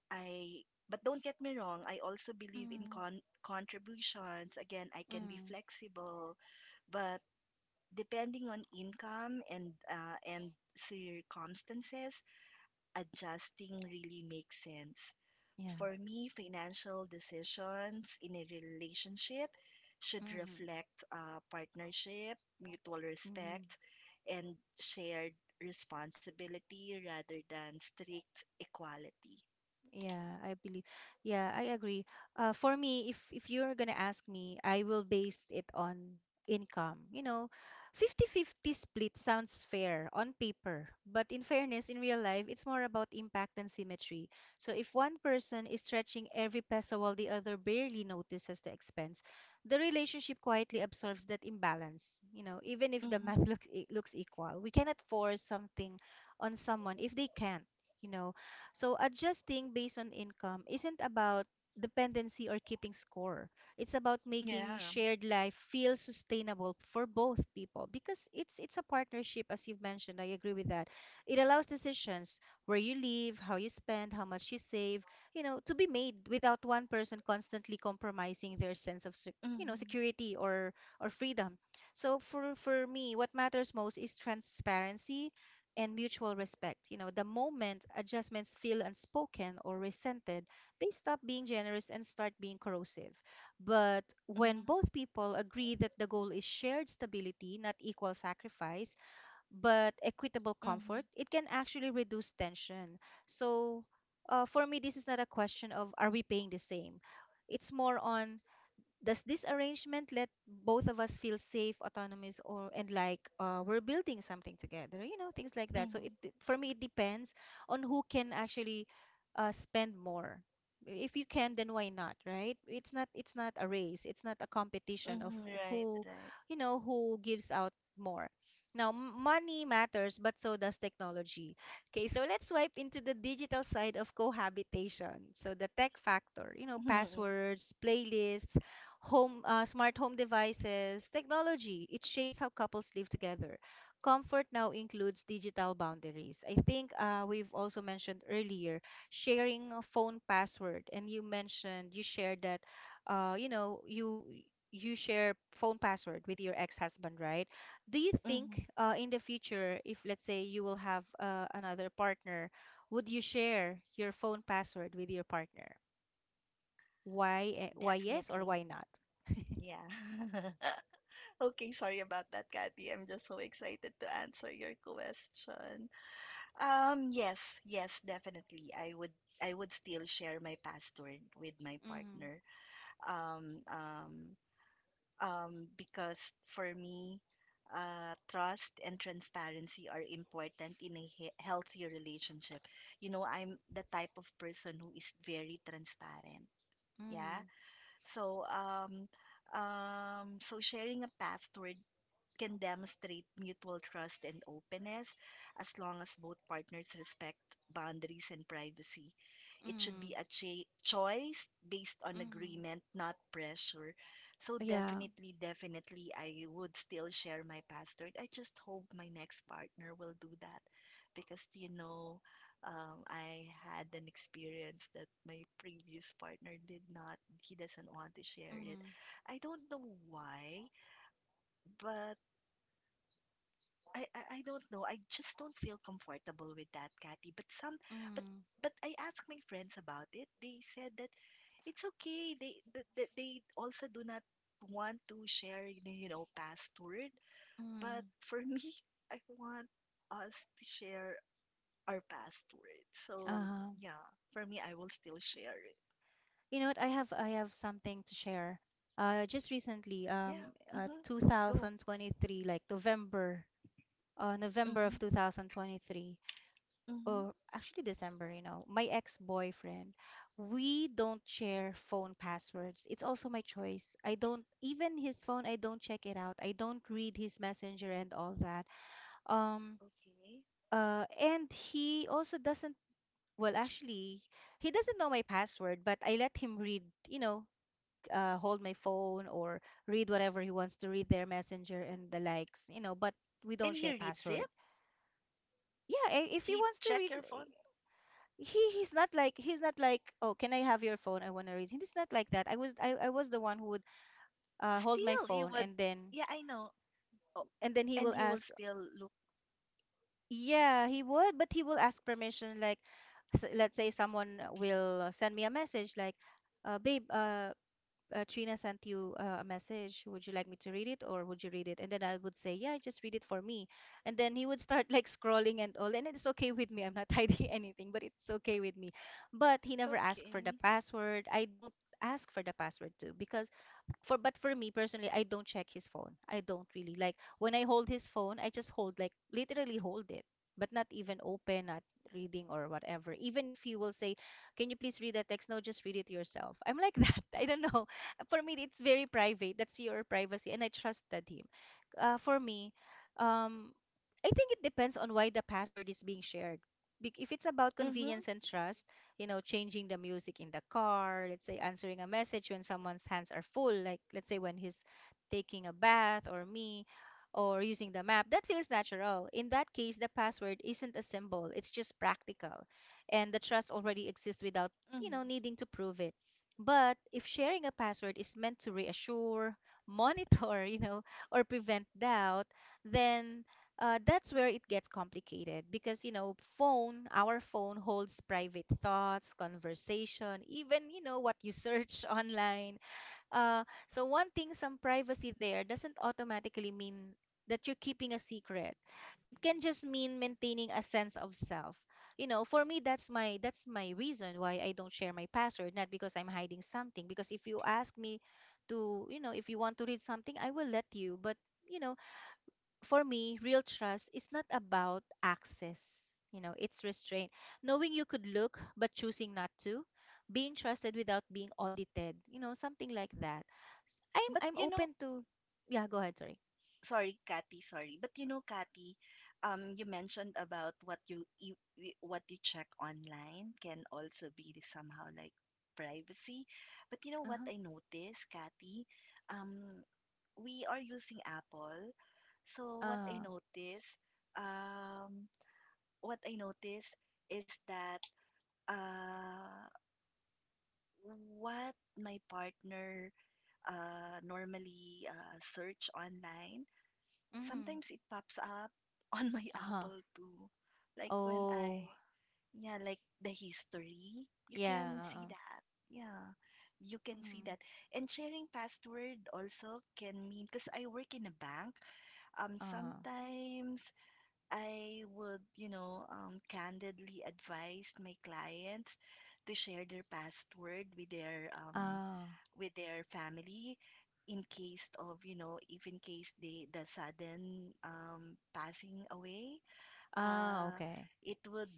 S2: I but don't get me wrong, I also believe in
S1: mm,
S2: contributions. Again, I can be
S1: mm,
S2: flexible, but depending on income and circumstances, adjusting really makes sense.
S1: yeah.
S2: For me, financial decisions in a relationship should reflect partnership, mutual
S1: Mm.
S2: respect, and shared responsibility rather than strict equality.
S1: Yeah, I believe. Yeah, I agree. For me, if you're gonna ask me, I will base it on income. You know, 50/50 split sounds fair on paper, but in fairness, in real life, it's more about impact and symmetry. So if one person is stretching every peso while the other barely notices the expense, the relationship quietly absorbs that imbalance. You know, even if the
S2: Mm-hmm.
S1: math looks equal, we cannot force something on someone if they can't. You know so adjusting based on income isn't about dependency or keeping score. It's about making
S2: Yeah.
S1: shared life feel sustainable for both people, because it's a partnership, as you've mentioned. I agree with that. It allows decisions, where you live, how you spend, how much you save, to be made without one person constantly compromising their sense of
S2: Mm-hmm.
S1: security, or freedom. So for me, what matters most is transparency and mutual respect. The moment adjustments feel unspoken or resented, they stop being generous and start being corrosive. But when
S2: Mm-hmm.
S1: both people agree that the goal is shared stability, not equal sacrifice, but equitable
S2: Mm-hmm.
S1: comfort, it can actually reduce tension. So, for me, this is not a question of, are we paying the same? It's more on, does this arrangement let both of us feel safe, autonomous, or and like, we're building something together? Things like that. So
S2: Mm-hmm.
S1: for me, it depends on who can actually, spend more. If you can, then why not, right? It's not, a race. It's not a competition of
S2: Mm-hmm. Right,
S1: who,
S2: right.
S1: who gives out more. Now, money matters, but so does technology. Okay, so let's swipe into the digital side of cohabitation. So the tech factor, you know,
S2: Mm-hmm.
S1: passwords, playlists, home smart home devices technology, it shapes how couples live together. Comfort now includes digital boundaries. I think we've also mentioned earlier sharing a phone password, and you mentioned you shared that, uh, you know you you share phone password with your ex-husband, right? Do you
S2: Mhm.
S1: think in the future, if let's say you will have another partner, would you share your phone password with your partner? Why, why yes or
S2: Definitely.
S1: why not?
S2: Yeah. Okay, sorry about that, Kathy. I'm just so excited to answer your question. Um, yes, yes, definitely. I would still share my password with my partner. Um, um, because for me, trust and transparency are important in a he healthy relationship. You know, I'm the type of person who is very transparent. Yeah.
S1: Mhm.
S2: So, um, so sharing a password can demonstrate mutual trust and openness as long as both partners respect boundaries and privacy. It should be
S1: Mhm.
S2: a choice based on
S1: Mhm.
S2: agreement, not pressure. So,
S1: Yeah.
S2: definitely, definitely, I would still share my password. I just hope my next partner will do that because, you know, I had an experience that my previous partner did not. He doesn't want to share it.
S1: Mhm.
S2: I don't know why, but I don't know. I just don't feel comfortable with that, Kathy. But
S1: Mhm.
S2: but I asked my friends about it. They said that it's okay. They that that they also do not want to share, you know, password. But
S1: Mhm.
S2: for me, I want us to share our password. So
S1: Uh-huh.
S2: yeah, for me, I will still share it.
S1: You know what? I have something to share. Just recently,
S2: Yeah. Mm-hmm. Go.
S1: 2023, like November, November
S2: Mm-hmm.
S1: of 2023,
S2: Mm-hmm.
S1: or actually December, you know, my ex-boyfriend, we don't share phone passwords. It's also my choice. I don't even his phone, I don't check it out. I don't read his messenger and all that. Um,
S2: Okay.
S1: And he also doesn't, well, actually, he doesn't know my password, but I let him read, you know, hold my phone or read whatever he wants to read their messenger and the likes, you know, but we don't
S2: And he
S1: share
S2: reads it.
S1: password. Yeah, if he
S2: He
S1: wants to
S2: check
S1: read,
S2: your phone.
S1: he's not like, "Oh, can I have your phone? I want to read." He's not like that. I was the one who would hold my
S2: Still, he
S1: phone
S2: would. Yeah, I know. Oh,
S1: and then he
S2: and
S1: will
S2: he will
S1: ask.
S2: still look
S1: Yeah, he would, but he will ask permission. Like, let's say someone will send me a message, like, "Babe, Trina sent you a message. Would you like me to read it, or would you read it?" And then I would say, "Yeah, just read it for me." And then he would start like scrolling and all, and it's okay with me. I'm not hiding anything, but it's okay with me. But he never asked for the
S2: okay.
S1: password. I don't ask for the password too because for me personally, I don't check his phone. I don't really like when I hold his phone, I just hold, like literally hold it, but not even open, not reading or whatever. Even if he will say, can you please read that text, no, just read it yourself. I'm like that, I don't know. For me it's very private, that's your privacy, and I trusted him. For me, um I think it depends on why the password is being shared. If it's about convenience
S2: Mm-hmm.
S1: and trust, you know, changing the music in the car, let's say answering a message when someone's hands are full, like let's say when he's taking a bath or me or using the map, that feels natural. In that case, the password isn't a symbol, it's just practical. And the trust already exists without, you
S2: Mm-hmm.
S1: know, needing to prove it. But if sharing a password is meant to reassure, monitor, you know, or prevent doubt, then that's where it gets complicated because, you know, phone, our phone holds private thoughts, conversation, even, you know, what you search online. uh, so wanting some privacy there doesn't automatically mean that you're keeping a secret. It can just mean maintaining a sense of self. You know, for me, that's my reason why I don't share my password. Not because I'm hiding something, because if you ask me to, you know, if you want to read something, I will let you. But, you know, for me, real trust is not about access. You know, it's restraint. Knowing you could look but choosing not to, being trusted without being audited. You know, something like that. I'm
S2: But
S1: I'm
S2: you know,
S1: open to. Yeah, go ahead. Sorry.
S2: sorry, Kathy, sorry, but you know, Kathy, you mentioned about what you check online can also be somehow like privacy. But you know
S1: Uh
S2: what
S1: huh.
S2: I noticed, Kathy? Um, we are using Apple. So what I
S1: Uh.
S2: noticed, um, what I noticed is that uh, what my partner normally search online,
S1: Mm.
S2: sometimes it pops up on my
S1: Uh huh.
S2: Apple too. Like when I,
S1: Oh.
S2: yeah, like the history, you
S1: Yeah.
S2: can see that. Yeah, you can see
S1: Mm.
S2: that. And sharing password also can mean, because I work in a bank,
S1: Uh.
S2: sometimes I would, you know, candidly advise my clients to share their password
S1: Ah.
S2: with their family in case of, you know, if in case they the sudden passing away,
S1: Ah.
S2: uh
S1: Okay.
S2: it would,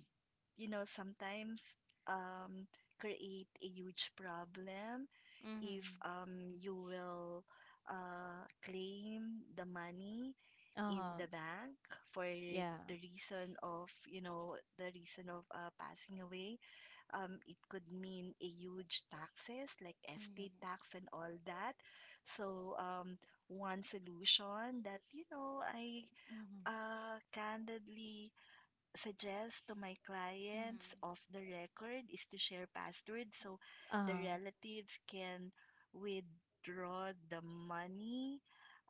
S2: you know, sometimes um create a huge problem
S1: Mm.
S2: if you will claim the money
S1: Uh
S2: in
S1: huh.
S2: the bank for the
S1: Yeah.
S2: reason of, you know, the reason of passing away. It could mean a huge taxes like estate
S1: Mm.
S2: tax and all that. So one solution that you know I
S1: Mm.
S2: uh, candidly suggest to my
S1: Mm.
S2: clients off the record is to share passwords so the
S1: Uh.
S2: relatives can withdraw the money,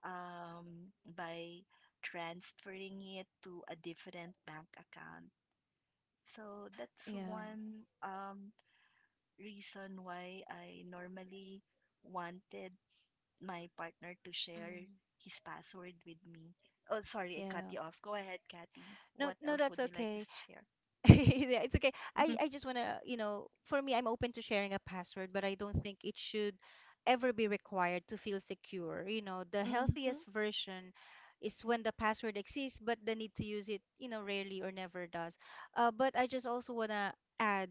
S2: by transferring it to a different bank account. So that's
S1: Yeah.
S2: one reason why I normally wanted my partner to share
S1: Mm.
S2: his password with me. Oh, sorry, I cut
S1: Yeah.
S2: you off. Go ahead, Kathy.
S1: No,
S2: What
S1: no,
S2: else
S1: that's
S2: would you like to
S1: okay.
S2: share?
S1: Yeah, it's okay. I just want to, you know, for me, I'm open to sharing a password, but I don't think it should ever be required to feel secure. You know, the
S2: Mm-hmm.
S1: healthiest version is when the password exists, but the need to use it, you know, rarely or never does. But I just also want to add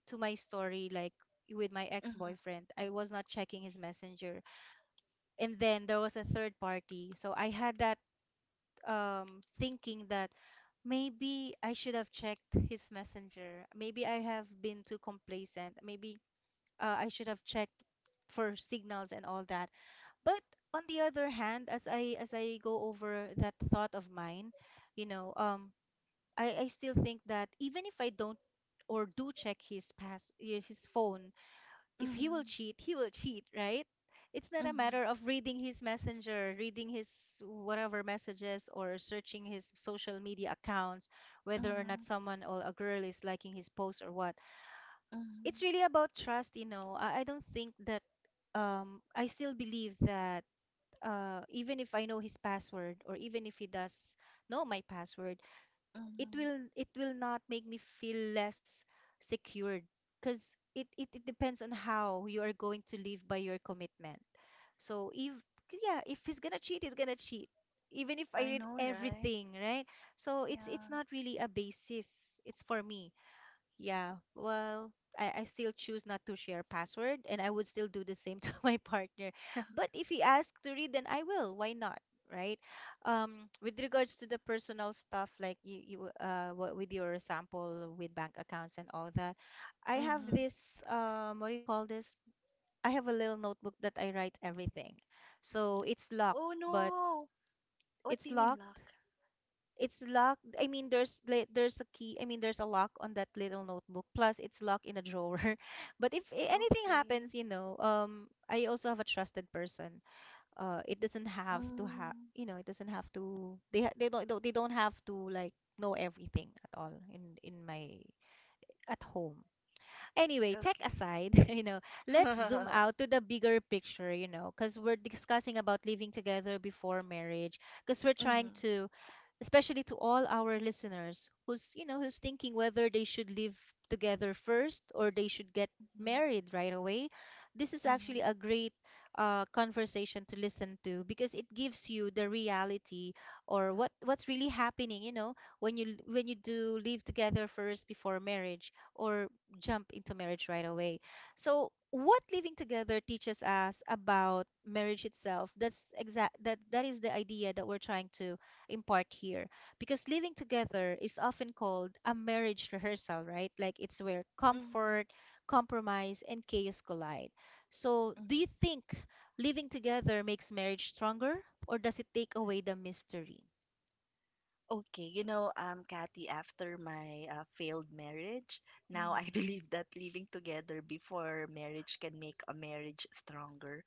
S1: to my story, like with my
S2: Mm-hmm.
S1: ex-boyfriend, I was not checking his messenger. And then there was a third party. So I had that thinking that maybe I should have checked his messenger. Maybe I have been too complacent. Maybe I should have checked for signals and all that. But on the other hand, as I go over that thought of mine, you know, I still think that even if I don't or do check his pass his phone, if he will
S2: Mm-hmm.
S1: cheat, he will cheat, right? It's not a
S2: Mm-hmm.
S1: matter of reading his messenger, reading his whatever messages, or searching his social media accounts, whether or
S2: Mm-hmm.
S1: not someone or a girl is liking his post or what.
S2: Mm-hmm.
S1: It's really about trust, you know. I don't think that I still believe that even if I know his password, or even if he does know my password, it
S2: Mm-hmm.
S1: will it will not make me feel less secured, because it depends on how you are going to live by your commitment. So if, yeah, if he's gonna cheat, he's gonna cheat, even if I
S2: I
S1: read
S2: know, right?
S1: everything, right? So it's
S2: Yeah.
S1: not really a basis, it's, for me, yeah, well, I still choose not to share password, and I would still do the same to my partner. But if he asks to read, then I will. Why not? Right? With regards to the personal stuff, like you what with your sample with bank accounts and all that, I have
S2: Mm-hmm.
S1: this, what do you call this? I have a little notebook that I write everything. So it's locked,
S2: Oh
S1: but
S2: no! What
S1: it's
S2: do you mean
S1: locked
S2: luck?
S1: it's locked. I mean, there's there's a key. I mean, there's a lock on that little notebook. Plus, it's locked in a drawer. But if anything
S2: Okay.
S1: happens, you know, I also have a trusted person. It doesn't have to have,
S2: Mm-hmm.
S1: you know, it doesn't have to. They they don't have to like know everything at all in my at home. Anyway, tech
S2: Okay.
S1: aside, you know, let's zoom out to the bigger picture, you know, because we're discussing about living together before marriage, because we're trying
S2: Mm-hmm.
S1: to, especially to all our listeners who's, you know, who's thinking whether they should live together first or they should get
S2: Mm-hmm.
S1: married right away. This is actually
S2: Mm-hmm.
S1: a great conversation to listen to because it gives you the reality or what's really happening, you know, when you do live together first before marriage or jump into marriage right away. So, what living together teaches us about marriage itself, that is the idea that we're trying to impart here. Because living together is often called a marriage rehearsal, right? Like it's where
S2: Mm-hmm.
S1: comfort, compromise, and chaos collide. So, do you
S2: Mm-hmm.
S1: think living together makes marriage stronger or does it take away the mystery?
S2: Okay, you know, Kathy, after my failed marriage, now I
S1: Mm-hmm.
S2: believe that living together before marriage can make a marriage stronger.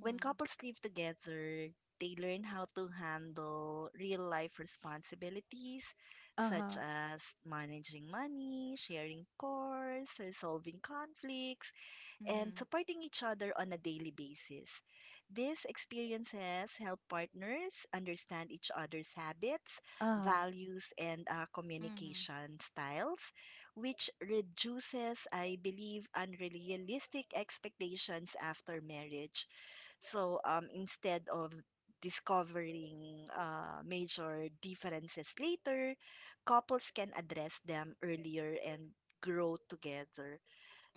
S2: When couples live together, they learn how to handle real life responsibilities such
S1: Uh-huh.
S2: as managing money, sharing chores, resolving conflicts, and
S1: Mm-hmm.
S2: supporting each other on a daily basis. These experiences help partners understand each other's habits,
S1: Uh-huh.
S2: values, and
S1: Mm-hmm.
S2: communication styles, which reduces, I believe, unrealistic expectations after marriage. So instead of discovering major differences later, couples can address them earlier and grow together.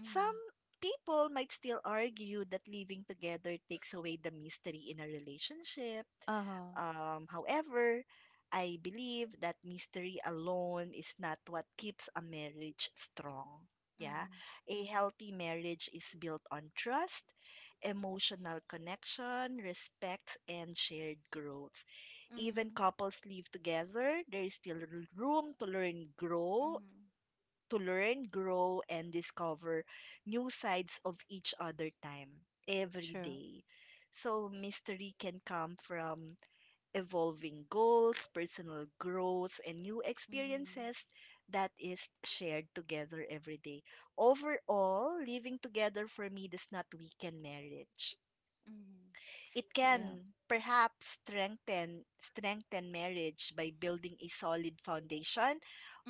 S1: Mm-hmm.
S2: Some people might still argue that living together takes away the mystery in a relationship.
S1: Uh-huh.
S2: However, I believe that mystery alone is not what keeps a marriage strong. Yeah.
S1: Mhm.
S2: A healthy marriage is built on trust, emotional connection, respect, and shared growth. Even
S1: Mhm.
S2: couples live together, there is still room
S1: Mhm.
S2: to learn, grow, and discover new sides of each other time every
S1: True.
S2: day. So, mystery can come from evolving goals, personal growth, and new
S1: Mhm.
S2: experiences that is shared together every day. Overall, living together for me does not weaken marriage.
S1: Mhm.
S2: It
S1: Yeah.
S2: can perhaps strengthen marriage by building a solid foundation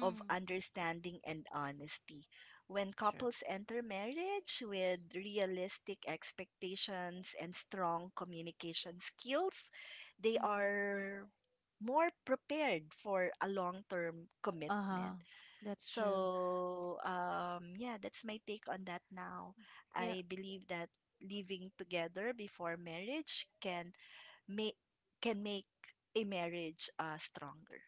S2: of understanding and honesty. When
S1: True.
S2: couples enter marriage with realistic expectations and strong communication skills, they
S1: Mhm.
S2: are more prepared for a long-term
S1: Uh-huh.
S2: commitment.
S1: That's true.
S2: So, yeah, that's my take on that now.
S1: Yeah,
S2: I believe that living together before marriage make can make a marriage stronger.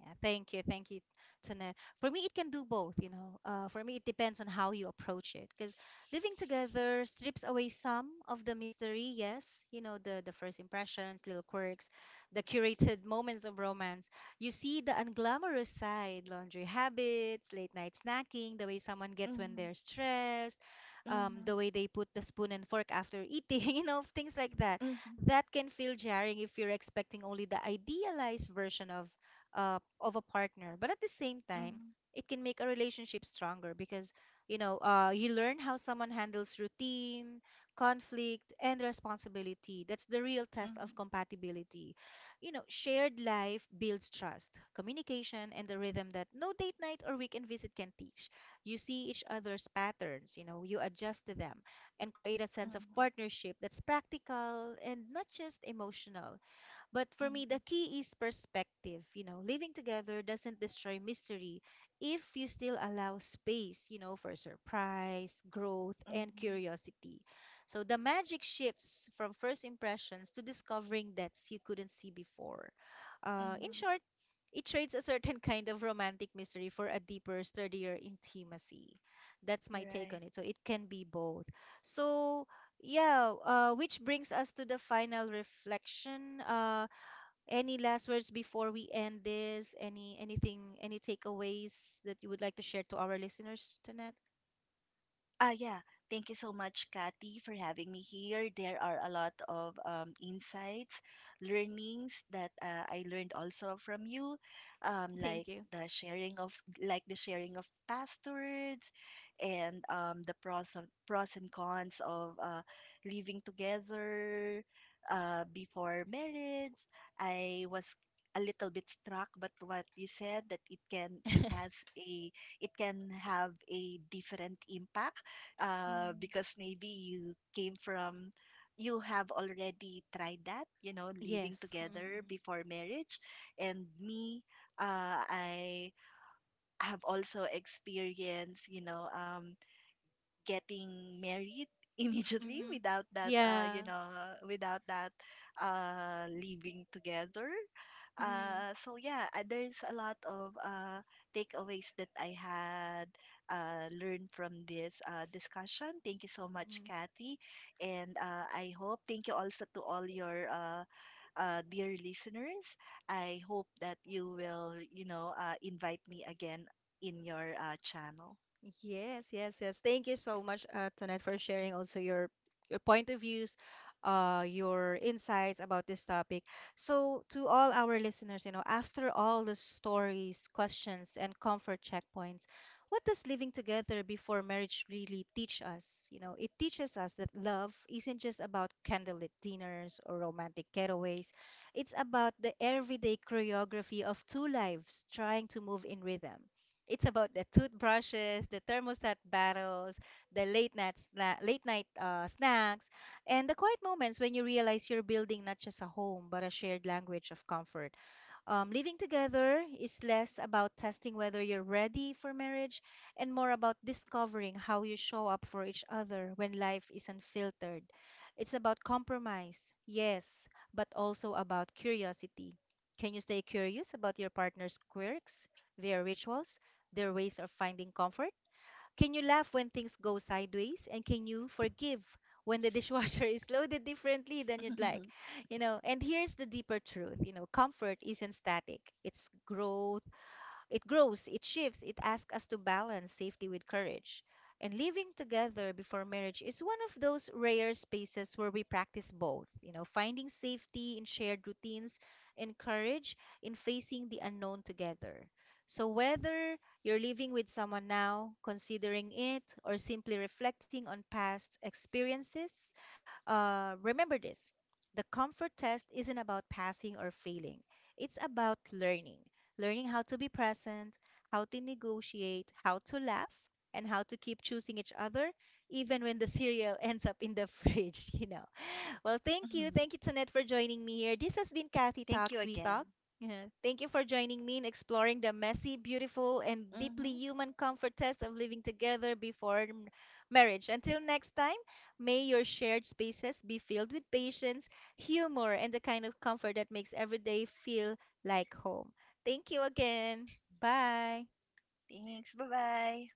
S1: Yeah, thank you, Tane. For me, it can do both, you know. For me, it depends on how you approach it, because living together strips away some of the mystery. Yes, you know, the first impressions, little quirks, the curated moments of romance. You see the unglamorous side, laundry habits, late night snacking, the way someone gets when
S2: Mm-hmm.
S1: they're stressed,
S2: Mm-hmm.
S1: the way they put the spoon and fork after eating, you know, things like that.
S2: Mm-hmm.
S1: That can feel jarring if you're expecting only the idealized version of a partner. But at the same time, it can make a relationship stronger because, you know, you learn how someone handles routine, conflict, and responsibility. That's the real test of
S2: Mm-hmm.
S1: compatibility. You know, shared life builds trust, communication, and the rhythm that no date night or weekend visit can teach. You see each other's patterns. You know, you adjust to them and create a sense of
S2: Mm-hmm.
S1: partnership that's practical and not just emotional. But for me, the
S2: Mm-hmm.
S1: key is perspective. You know, living together doesn't destroy mystery if you still allow space, you know, for surprise, growth, and
S2: Mm-hmm.
S1: curiosity. So the magic shifts from first impressions to discovering depths you couldn't see before. In
S2: Mm-hmm.
S1: short, it trades a certain kind of romantic mystery for a deeper, sturdier intimacy. That's my take on it.
S2: Right.
S1: So it can be both. So, yeah, which brings us to the final reflection. Any last words before we end this? Anything, any takeaways that you would like to share to our listeners, Jeanette?
S2: Ah, yeah. Thank you so much, Kathy, for having me here. There are a lot of insights, learnings that I learned also from you,
S1: Thank
S2: like
S1: you.
S2: the sharing of like the sharing of past words, and the pros and cons of living together before marriage. I was a little bit struck, but what you said that a it can have a different impact
S1: Mm,
S2: because maybe you came from you have already tried that, you know, living
S1: yes.
S2: together
S1: Mm-mm.
S2: before marriage, and me, I have also experienced, you know, getting married immediately
S1: Mm-hmm.
S2: without that
S1: Yeah.
S2: without that living together.
S1: Mm-mm.
S2: So yeah, there's a lot of takeaways that I had learned from this discussion. Thank you so much, Kathy, and I hope, thank you also to all your dear listeners, I hope that you will, you know, invite me again in your channel.
S1: Yes, yes, yes. Thank you so much, Tonette, for sharing also your point of views, your insights about this topic. So, to all our listeners, you know, after all the stories, questions, and comfort checkpoints, what does living together before marriage really teach us? You know, it teaches us that love isn't just about candlelit dinners or romantic getaways. It's about the everyday choreography of two lives trying to move in rhythm. It's about the toothbrushes, the thermostat battles, the late night snacks, and the quiet moments when you realize you're building not just a home but a shared language of comfort. Living together is less about testing whether you're ready for marriage and more about discovering how you show up for each other when life is unfiltered. It's about compromise, yes, but also about curiosity. Can you stay curious about your partner's quirks, their rituals, their ways of finding comfort? Can you laugh when things go sideways? And can you forgive when the dishwasher is loaded differently than you'd like? You know, and here's the deeper truth, you know, comfort isn't static. It's growth, it grows, it shifts, it asks us to balance safety with courage. And living together before marriage is one of those rare spaces where we practice both, you know, finding safety in shared routines and courage in facing the unknown together. So, whether you're living with someone now, considering it, or simply reflecting on past experiences, remember this: the comfort test isn't about passing or failing, it's about learning. Learning how to be present, how to negotiate, how to laugh, and how to keep choosing each other, even when the cereal ends up in the fridge, you know. Well, thank you. Thank you, Tonette, for joining me here. This has been Kathy Talks We
S2: Thank you
S1: Talk.
S2: again.
S1: Yeah. Thank you for joining me in exploring the messy, beautiful, and deeply human
S2: Mm-hmm.
S1: comfort test of living together before marriage. Until next time, may your shared spaces be filled with patience, humor, and the kind of comfort that makes every day feel like home. Thank you again. Bye.
S2: Thanks. Bye-bye.